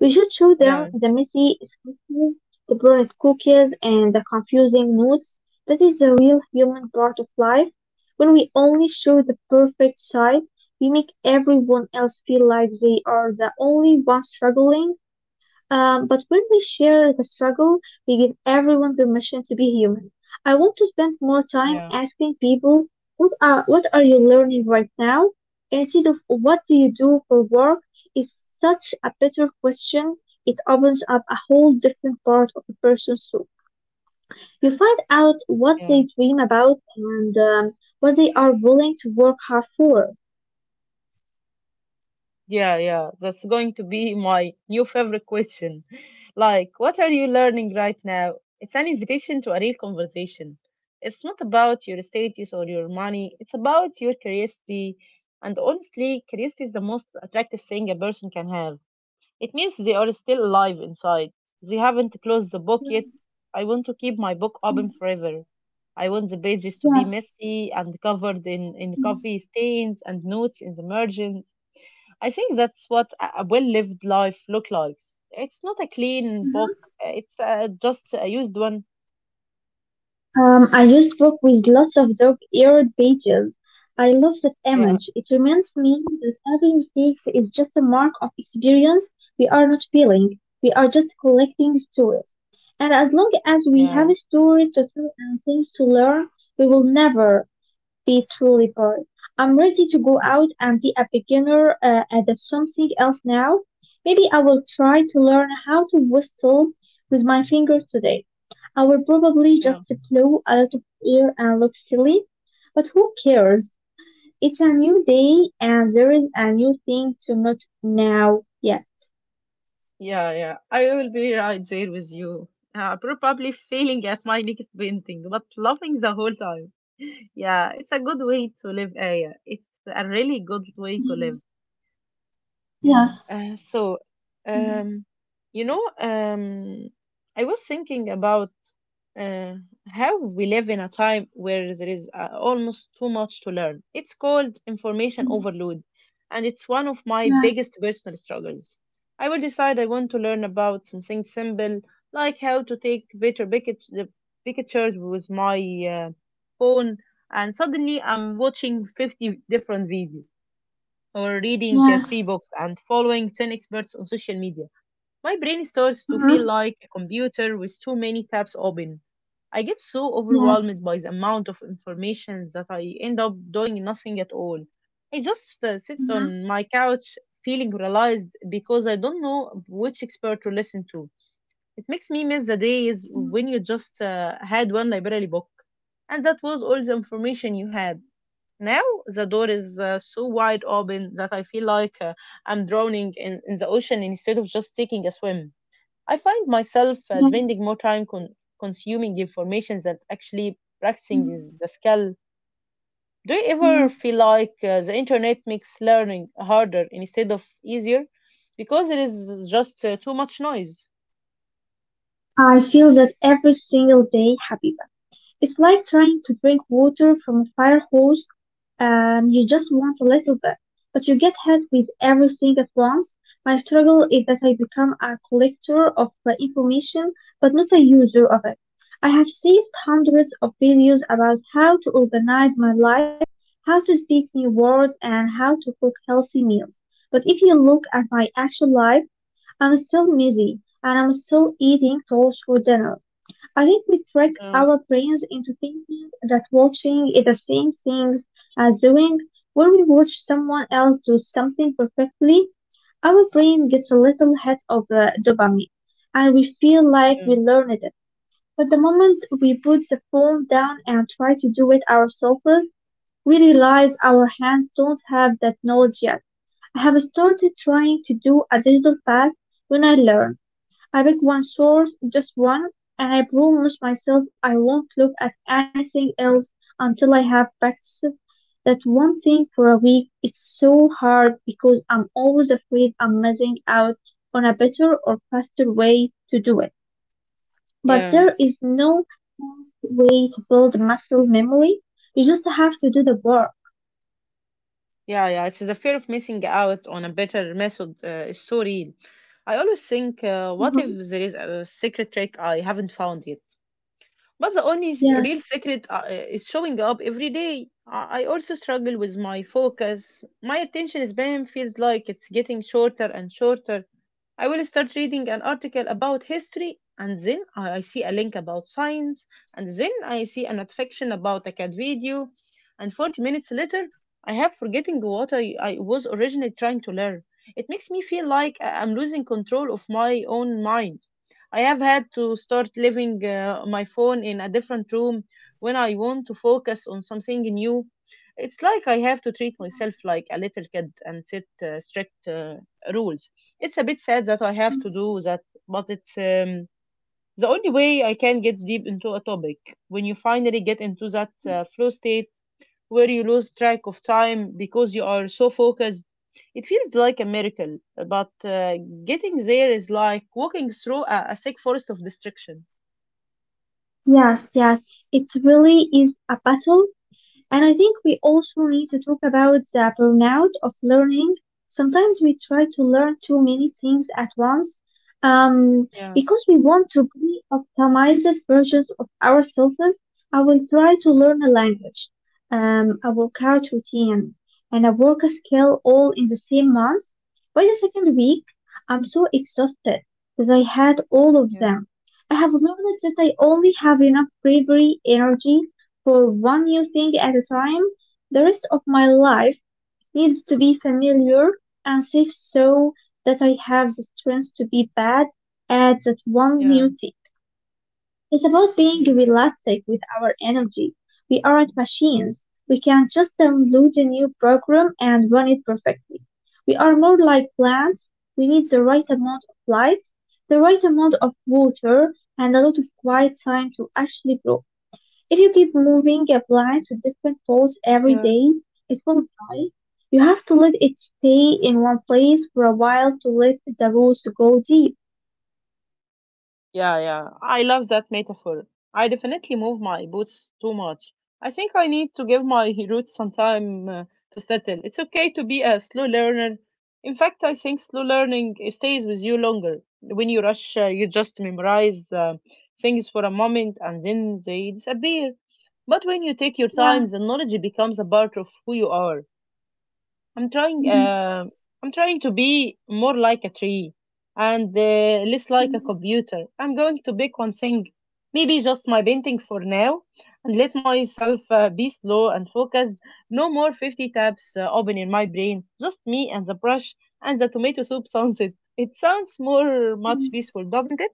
Speaker 2: we should show
Speaker 1: Yeah,
Speaker 2: them the messy scripts, the burnt cookies, and the confusing notes. That is the real human part of life. When we only show the perfect side, we make everyone else feel like they are the only ones struggling. But when we share the struggle, we give everyone permission to be human. I want to spend more time
Speaker 1: yeah,
Speaker 2: asking people, what are you learning right now? Instead of, what do you do for work, is such a better question. It opens up a whole different part of a person's soul. You find out what they
Speaker 1: yeah.
Speaker 2: dream about and what they are willing to work hard for.
Speaker 1: Yeah, yeah, that's going to be my new favorite question. Like, what are you learning right now? It's an invitation to a real conversation. It's not about your status or your money, it's about your curiosity. And honestly, curiosity is the most attractive thing a person can have. It means they are still alive inside. They haven't closed the book
Speaker 2: Yeah,
Speaker 1: yet. I want to keep my book open forever. I want the pages to be messy and covered in
Speaker 2: yeah.
Speaker 1: coffee stains and notes in the margins. I think that's what a well lived life look like. It's not a clean book. It's just a used one.
Speaker 2: I used book with lots of dog-eared pages. I love that
Speaker 1: Yeah,
Speaker 2: image. It reminds me that every mistake is just a mark of experience. We are not failing. We are just collecting stories. And as long as we have
Speaker 1: yeah,
Speaker 2: stories to tell and things to learn, we will never be truly part. I'm ready to go out and be a beginner at something else now. Maybe I will try to learn how to whistle with my fingers today. I will probably
Speaker 1: yeah,
Speaker 2: just blow a lot of air and look silly, but who cares? It's a new day and there is a new thing to note now. Yeah.
Speaker 1: yeah, yeah. I will be right there with you. Probably failing at my next painting, but laughing the whole time. Yeah, it's a good way to live, Aya. It's a really good way to live.
Speaker 2: Mm,
Speaker 1: Yeah.
Speaker 2: Yes.
Speaker 1: So,
Speaker 2: Mm,
Speaker 1: um, you know, I was thinking about uh, how we live in a time where there is almost too much to learn. It's called information
Speaker 2: mm,
Speaker 1: overload, and it's one of my
Speaker 2: yeah.
Speaker 1: biggest personal struggles. I will decide I want to learn about something simple, like how to take better pict- the pictures with my uh, phone, and suddenly I'm watching 50 different videos or reading three
Speaker 2: Yes.
Speaker 1: books and following 10 experts on social media. My brain starts to
Speaker 2: Uh-huh.
Speaker 1: feel like a computer with too many tabs open. I get so
Speaker 2: Yes.
Speaker 1: overwhelmed by the amount of information that I end up doing nothing at all. I just sit
Speaker 2: mm,
Speaker 1: on my couch feeling realized because I don't know which expert to listen to. It makes me miss the days
Speaker 2: mm,
Speaker 1: when you just had one library book and that was all the information you had. Now the door is so wide open that I feel like I'm drowning in the ocean instead of just taking a swim. I find myself
Speaker 2: yeah.
Speaker 1: spending more time consuming information than actually practicing
Speaker 2: mm,
Speaker 1: the skill. Do you
Speaker 2: yeah.
Speaker 1: ever feel like the internet makes learning harder instead of easier? Because there is just too much noise.
Speaker 2: I feel that every single day happy. It's like trying to drink water from a fire hose. You just want a little bit, but you get hit with everything at once. My struggle is that I become a collector of information, but not a user of it. I have saved hundreds of videos about how to organize my life, how to speak new words, and how to cook healthy meals. But if you look at my actual life, I'm still messy and I'm still eating toast for dinner. I think we trick
Speaker 1: Yeah,
Speaker 2: our brains into thinking that watching is the same thing as doing. When we watch someone else do something perfectly, our brain gets a little hit of dopamine, and we feel like we
Speaker 1: yeah,
Speaker 2: learned it. But the moment we put the phone down and try to do it ourselves, we realize our hands don't have that knowledge yet. I have started trying to do a digital fast when I learn. I pick one source, just one, and I promise myself I won't look at anything else until I have practiced that one thing for a week. It's so hard because I'm always afraid I'm missing out on a better or faster way to do it. But
Speaker 1: yeah.
Speaker 2: there is no way to build muscle memory. You just have to do the work.
Speaker 1: Yeah, yeah, it's the fear of missing out on a better method is so real. I always think, what
Speaker 2: Mhm.
Speaker 1: if there is a secret trick I haven't found yet? But the only
Speaker 2: Yes,
Speaker 1: real secret is showing up every day. I also struggle with my focus. My attention span feels like it's getting shorter and shorter. I will start reading an article about history, and then I see a link about science, and then I see an fiction about a cat video, and 40 minutes later, I have forgetting what I was originally trying to learn. It makes me feel like I'm losing control of my own mind. I have had to start living my phone in a different room when I want to focus on something new. It's like I have to treat myself like a little kid and set strict rules. It's a bit sad that I have to do that, but it's the only way I can get deep into a topic. When you finally get into that flow state, where you lose track of time because you are so focused. It feels like a miracle, but getting there is like walking through a thick forest of distraction.
Speaker 2: yes. It really is a battle. And I think we also need to talk about the burnout of learning. Sometimes we try to learn too many things at once, um,
Speaker 1: Yeah,
Speaker 2: because we want to be optimized versions of ourselves. I will try to learn a language, a workout routine, and a work skill all in the same month. By the second week, I'm so exhausted that I had all of
Speaker 1: yeah,
Speaker 2: them. I have learned that I only have enough bravery, energy, for one new thing at a time. The rest of my life needs to be familiar and safe so that I have the strength to be bad at that one
Speaker 1: yeah.
Speaker 2: new thing. It's about being
Speaker 1: Mm.
Speaker 2: realistic with our energy. We aren't machines. We can not just download a new program and run it perfectly. We are more like plants. We need the right amount of light, the right amount of water, and a lot of quiet time to actually grow. If you keep moving a plant to different pots every
Speaker 1: Yeah.
Speaker 2: day, it will die. You have to let it stay in one place for a while to let the roots go deep.
Speaker 1: Yeah, yeah, I love that metaphor. I definitely move my boots too much. I think I need to give my roots some time to settle. It's okay to be a slow learner. In fact, I think slow learning stays with you longer. When you rush, you just memorize things for a moment and then they disappear. But when you take your
Speaker 2: Yeah.
Speaker 1: time, the knowledge becomes a part of who you are. I'm trying. I'm trying to be more like a tree and less like a computer. I'm going to pick one thing, maybe just my painting for now, and let myself be slow and focused. No more 50 tabs open in my brain. Just me and the brush and the tomato soup sunset. It sounds more much peaceful, doesn't it?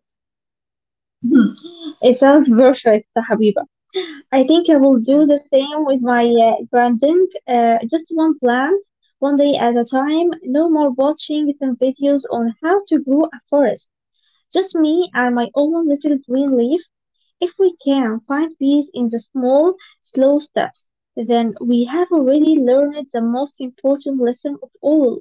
Speaker 2: It sounds perfect, Habiba. I think I will
Speaker 1: Yeah,
Speaker 2: do the same with my branding. Just one plant, one day at a time. No more watching 10 videos on how to grow a forest. Just me and my own little green leaf. If we can find peace in the small, slow steps, then we have already learned the most important lesson of all.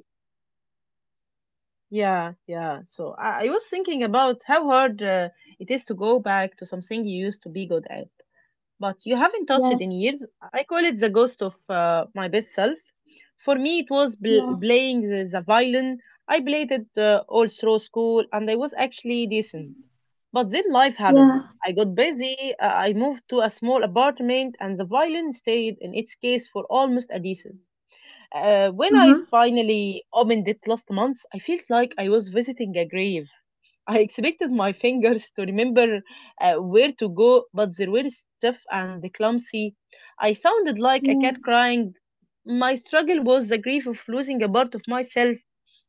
Speaker 1: yeah, yeah. So I was thinking about how hard it is to go back to something you used to be good at, but you haven't touched
Speaker 2: Yeah,
Speaker 1: it in years. I call it the ghost of my best self. For me, it was
Speaker 2: yeah,
Speaker 1: playing the violin. I played it all through school, and I was actually decent. But then life happened.
Speaker 2: yeah,
Speaker 1: I got busy. I moved to a small apartment, and the violin stayed in its case for almost a decent. When
Speaker 2: Uh
Speaker 1: I
Speaker 2: huh.
Speaker 1: finally opened it last month, I felt like I was visiting a grave. I expected my fingers to remember where to go, but they were stiff and clumsy. I sounded like a cat
Speaker 2: yeah,
Speaker 1: crying. My struggle was the grief of losing a part of myself.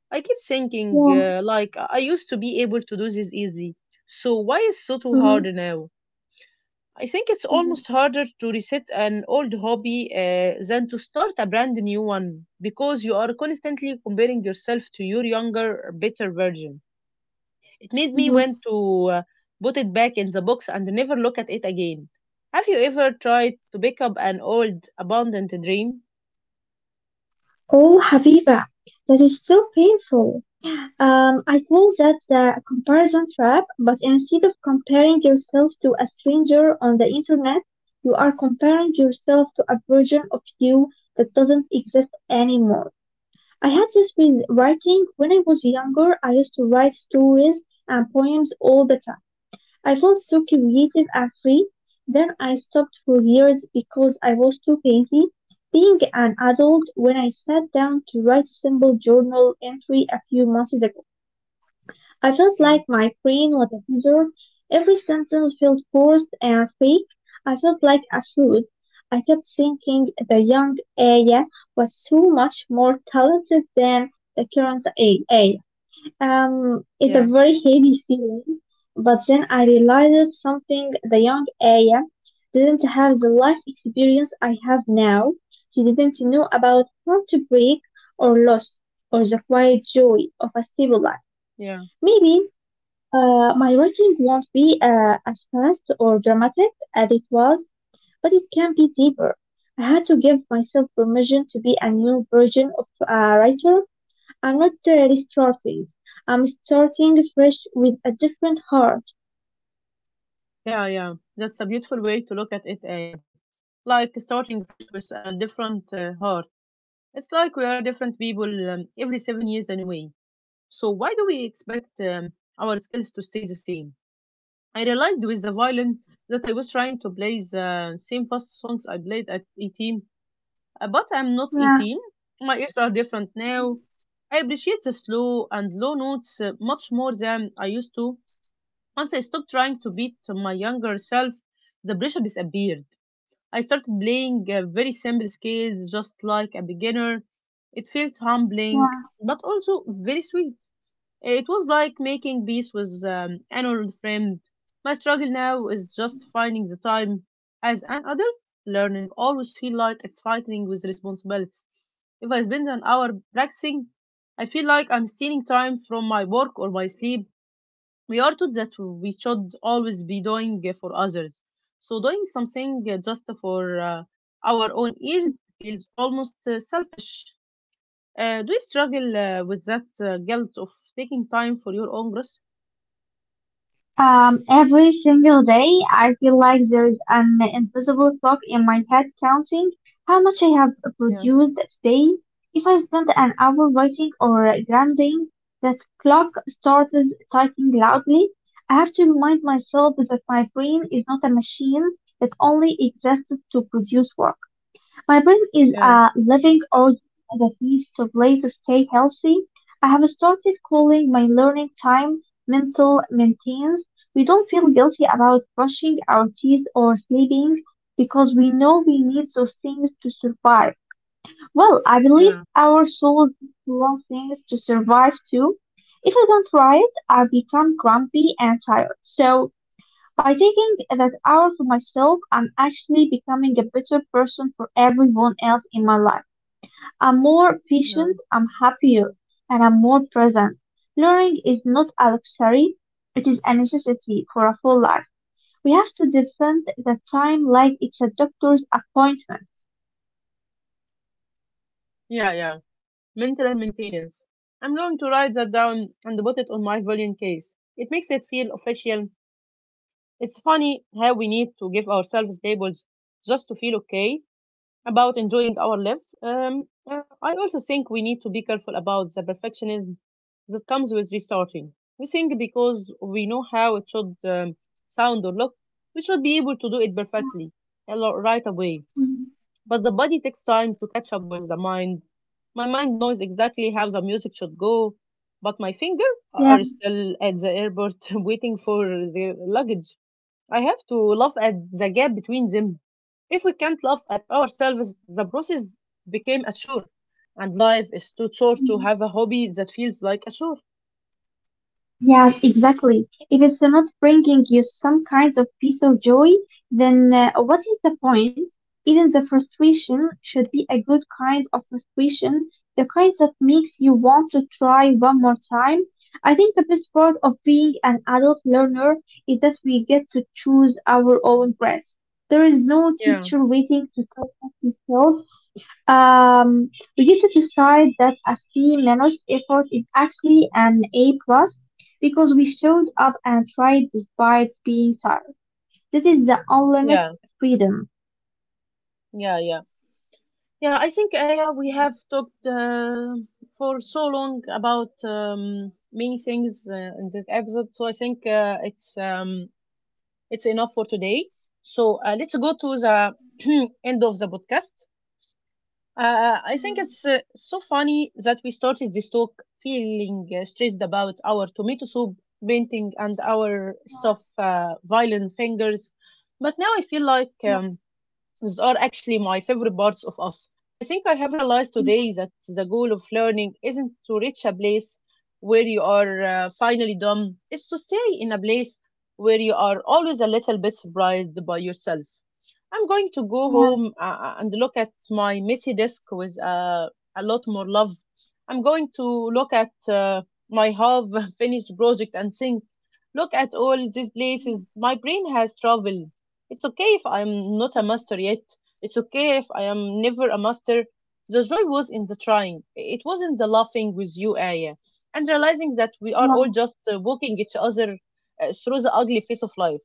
Speaker 1: I kept thinking,
Speaker 2: yeah,
Speaker 1: like, I used to be able to do this easy. So why is so too
Speaker 2: Uh huh.
Speaker 1: hard now? I think it's almost
Speaker 2: Uh
Speaker 1: harder to reset an old hobby than to start a brand new one because you are constantly comparing yourself to your younger, better version. It made me
Speaker 2: huh.
Speaker 1: want to uh, put it back in the box and never look at it again. Have you ever tried to pick up an old, abandoned dream?
Speaker 2: Oh, Habiba, that is so painful. I call that the comparison trap, but instead of comparing yourself to a stranger on the internet, you are comparing yourself to a version of you that doesn't exist anymore. I had this with writing. When I was younger, I used to write stories and poems all the time. I felt so creative and free. Then I stopped for years because I was too busy. Being an adult, when I sat down to write a simple journal entry a few months ago, I felt
Speaker 1: Yeah,
Speaker 2: like my brain was a desert. Every sentence felt forced and fake. I felt like a fool. I kept thinking the young Aya was so much more talented than the current Aya. It's a
Speaker 1: yeah,
Speaker 2: very heavy feeling. But then I realized something, the young Aya didn't have the life experience I have now. She didn't know about heartbreak or loss or the quiet joy of a stable life.
Speaker 1: yeah,
Speaker 2: Maybe my writing won't be as fast or dramatic as it was, but it can be deeper. I had to give myself permission to be a new version of a writer. I'm not restarting. I'm starting fresh with a different heart.
Speaker 1: yeah, yeah. That's a beautiful way to look at it, Aya. Like starting fresh with a different heart. It's like we are different people every 7 years anyway. So why do we expect our skills to stay the same? I realized with the violin that I was trying to play the same fast songs I played at 18. But I'm not
Speaker 2: Yeah.
Speaker 1: 18. My ears are different now. I appreciate the slow and low notes much more than I used to. Once I stopped trying to beat my younger self, the pressure disappeared. I started playing very simple scales just like a beginner. It felt humbling, but also very sweet. It was like making peace with an old friend. My struggle now is just finding the time. As an adult, learning always feel like it's fighting with responsibilities. If I spend an hour practicing, I feel like I'm stealing time from my work or my sleep. We are taught that we should always be doing for others. So doing something just for our own ears feels almost selfish. Do you struggle with that guilt of taking time for your own growth?
Speaker 2: Every single day, I feel like there is an invisible clock in my head counting how much I have
Speaker 1: Yeah.
Speaker 2: produced today. If I spend an hour writing or grinding, that clock starts typing loudly. I have to remind myself that my brain is not a machine that only exists to produce work. My brain is
Speaker 1: Yeah,
Speaker 2: a living organism that needs to play to stay healthy. I have started calling my learning time mental maintenance. We don't feel guilty about brushing our teeth or sleeping because we know we need those things to survive. Well, I believe
Speaker 1: yeah,
Speaker 2: our souls want things to survive too. If we don't try it, I become grumpy and tired. So by taking that hour for myself, I'm actually becoming a better person for everyone else in my life. I'm more
Speaker 1: yeah,
Speaker 2: patient, I'm happier, and I'm more present. Learning is not a luxury, it is a necessity for a full life. We have to defend the time like it's a doctor's appointment.
Speaker 1: yeah, yeah. Mental maintenance. I'm going to write that down and put it on my volume case. It makes it feel official. It's funny how we need to give ourselves labels just to feel okay about enjoying our lives. I also think we need to be careful about the perfectionism that comes with restarting. We think because we know how it should sound or look, we should be able to do it perfectly right away.
Speaker 2: Mm,
Speaker 1: But the body takes time to catch up with the mind. My mind knows exactly how the music should go, but my finger
Speaker 2: Yeah.
Speaker 1: are still at the airport waiting for their luggage. I have to laugh at the gap between them. If we can't laugh at ourselves, the process became a chore, and life is too short to have a hobby that feels like a chore.
Speaker 2: Yes, exactly. If it's not bringing you some kind of peace or joy, then what is the point? Even the frustration should be a good kind of frustration, the kind that makes you want to try one more time. I think the best part of being an adult learner is that we get to choose our own path. There is no
Speaker 1: Yeah.
Speaker 2: teacher waiting to tell us to fail. Um, we get to decide that a C minus effort is actually an A plus because we showed up and tried despite being tired. This is the unlimited
Speaker 1: Yeah,
Speaker 2: freedom.
Speaker 1: yeah, yeah. Yeah, I think Aya, we have talked for so long about many things in this episode, so I think it's enough for today. So let's go to the end of the podcast. I think
Speaker 2: Mm,
Speaker 1: it's so funny that we started this talk feeling stressed about our tomato soup painting and our
Speaker 2: Yeah,
Speaker 1: stuff, violin fingers. But now I feel like these are actually my favorite parts of us. I think I have realized
Speaker 2: yeah,
Speaker 1: today that the goal of learning isn't to reach a place where you are finally done, it's to stay in a place where you are always a little bit surprised by yourself. I'm going to go
Speaker 2: yeah, yeah,
Speaker 1: home and look at my messy desk with a lot more love. I'm going to look at my half finished project and think, look at all these places. My brain has traveled. It's okay if I'm not a master yet. It's okay if I am never a master. The joy was in the trying. It was in the laughing with you, Aya, and realizing that we are all
Speaker 2: yeah.
Speaker 1: just walking each other through the ugly face of life.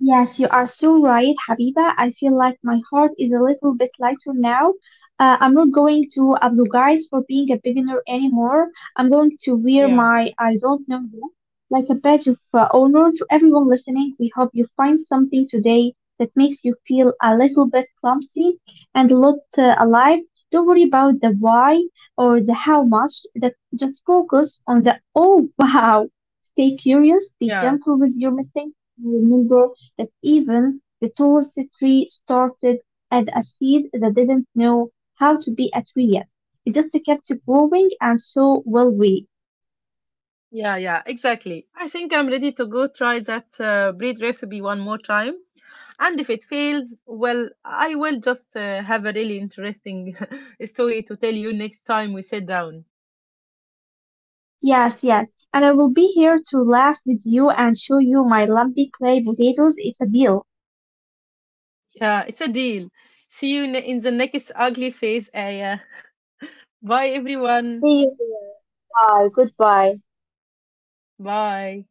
Speaker 2: Yes, you are so right, Habiba. I feel like my heart is a little bit lighter now. I'm not going to apologize for being a beginner anymore. I'm going to wear
Speaker 1: Yeah,
Speaker 2: my I don't know you like a badge of honor to everyone listening. We hope you find something today that makes you feel a little bit clumsy and a lot alive. Don't worry about the why or the how much. That just focus on the oh wow. Stay curious. Be
Speaker 1: yeah.
Speaker 2: gentle with your mistakes. Remember that even the tallest tree started as a seed that didn't know how to be a tree yet. It just kept growing, and so will we.
Speaker 1: Yeah, yeah, exactly. I think I'm ready to go try that bread recipe one more time. And if it fails, well, I will just have a really interesting story to tell you next time we sit down.
Speaker 2: Yes, yes. And I will be here to laugh with you and show you my lumpy clay potatoes. It's a deal.
Speaker 1: Yeah, it's a deal. See you in the next ugly phase, Aya. Bye, everyone.
Speaker 2: See you here. Bye. Goodbye.
Speaker 1: Bye.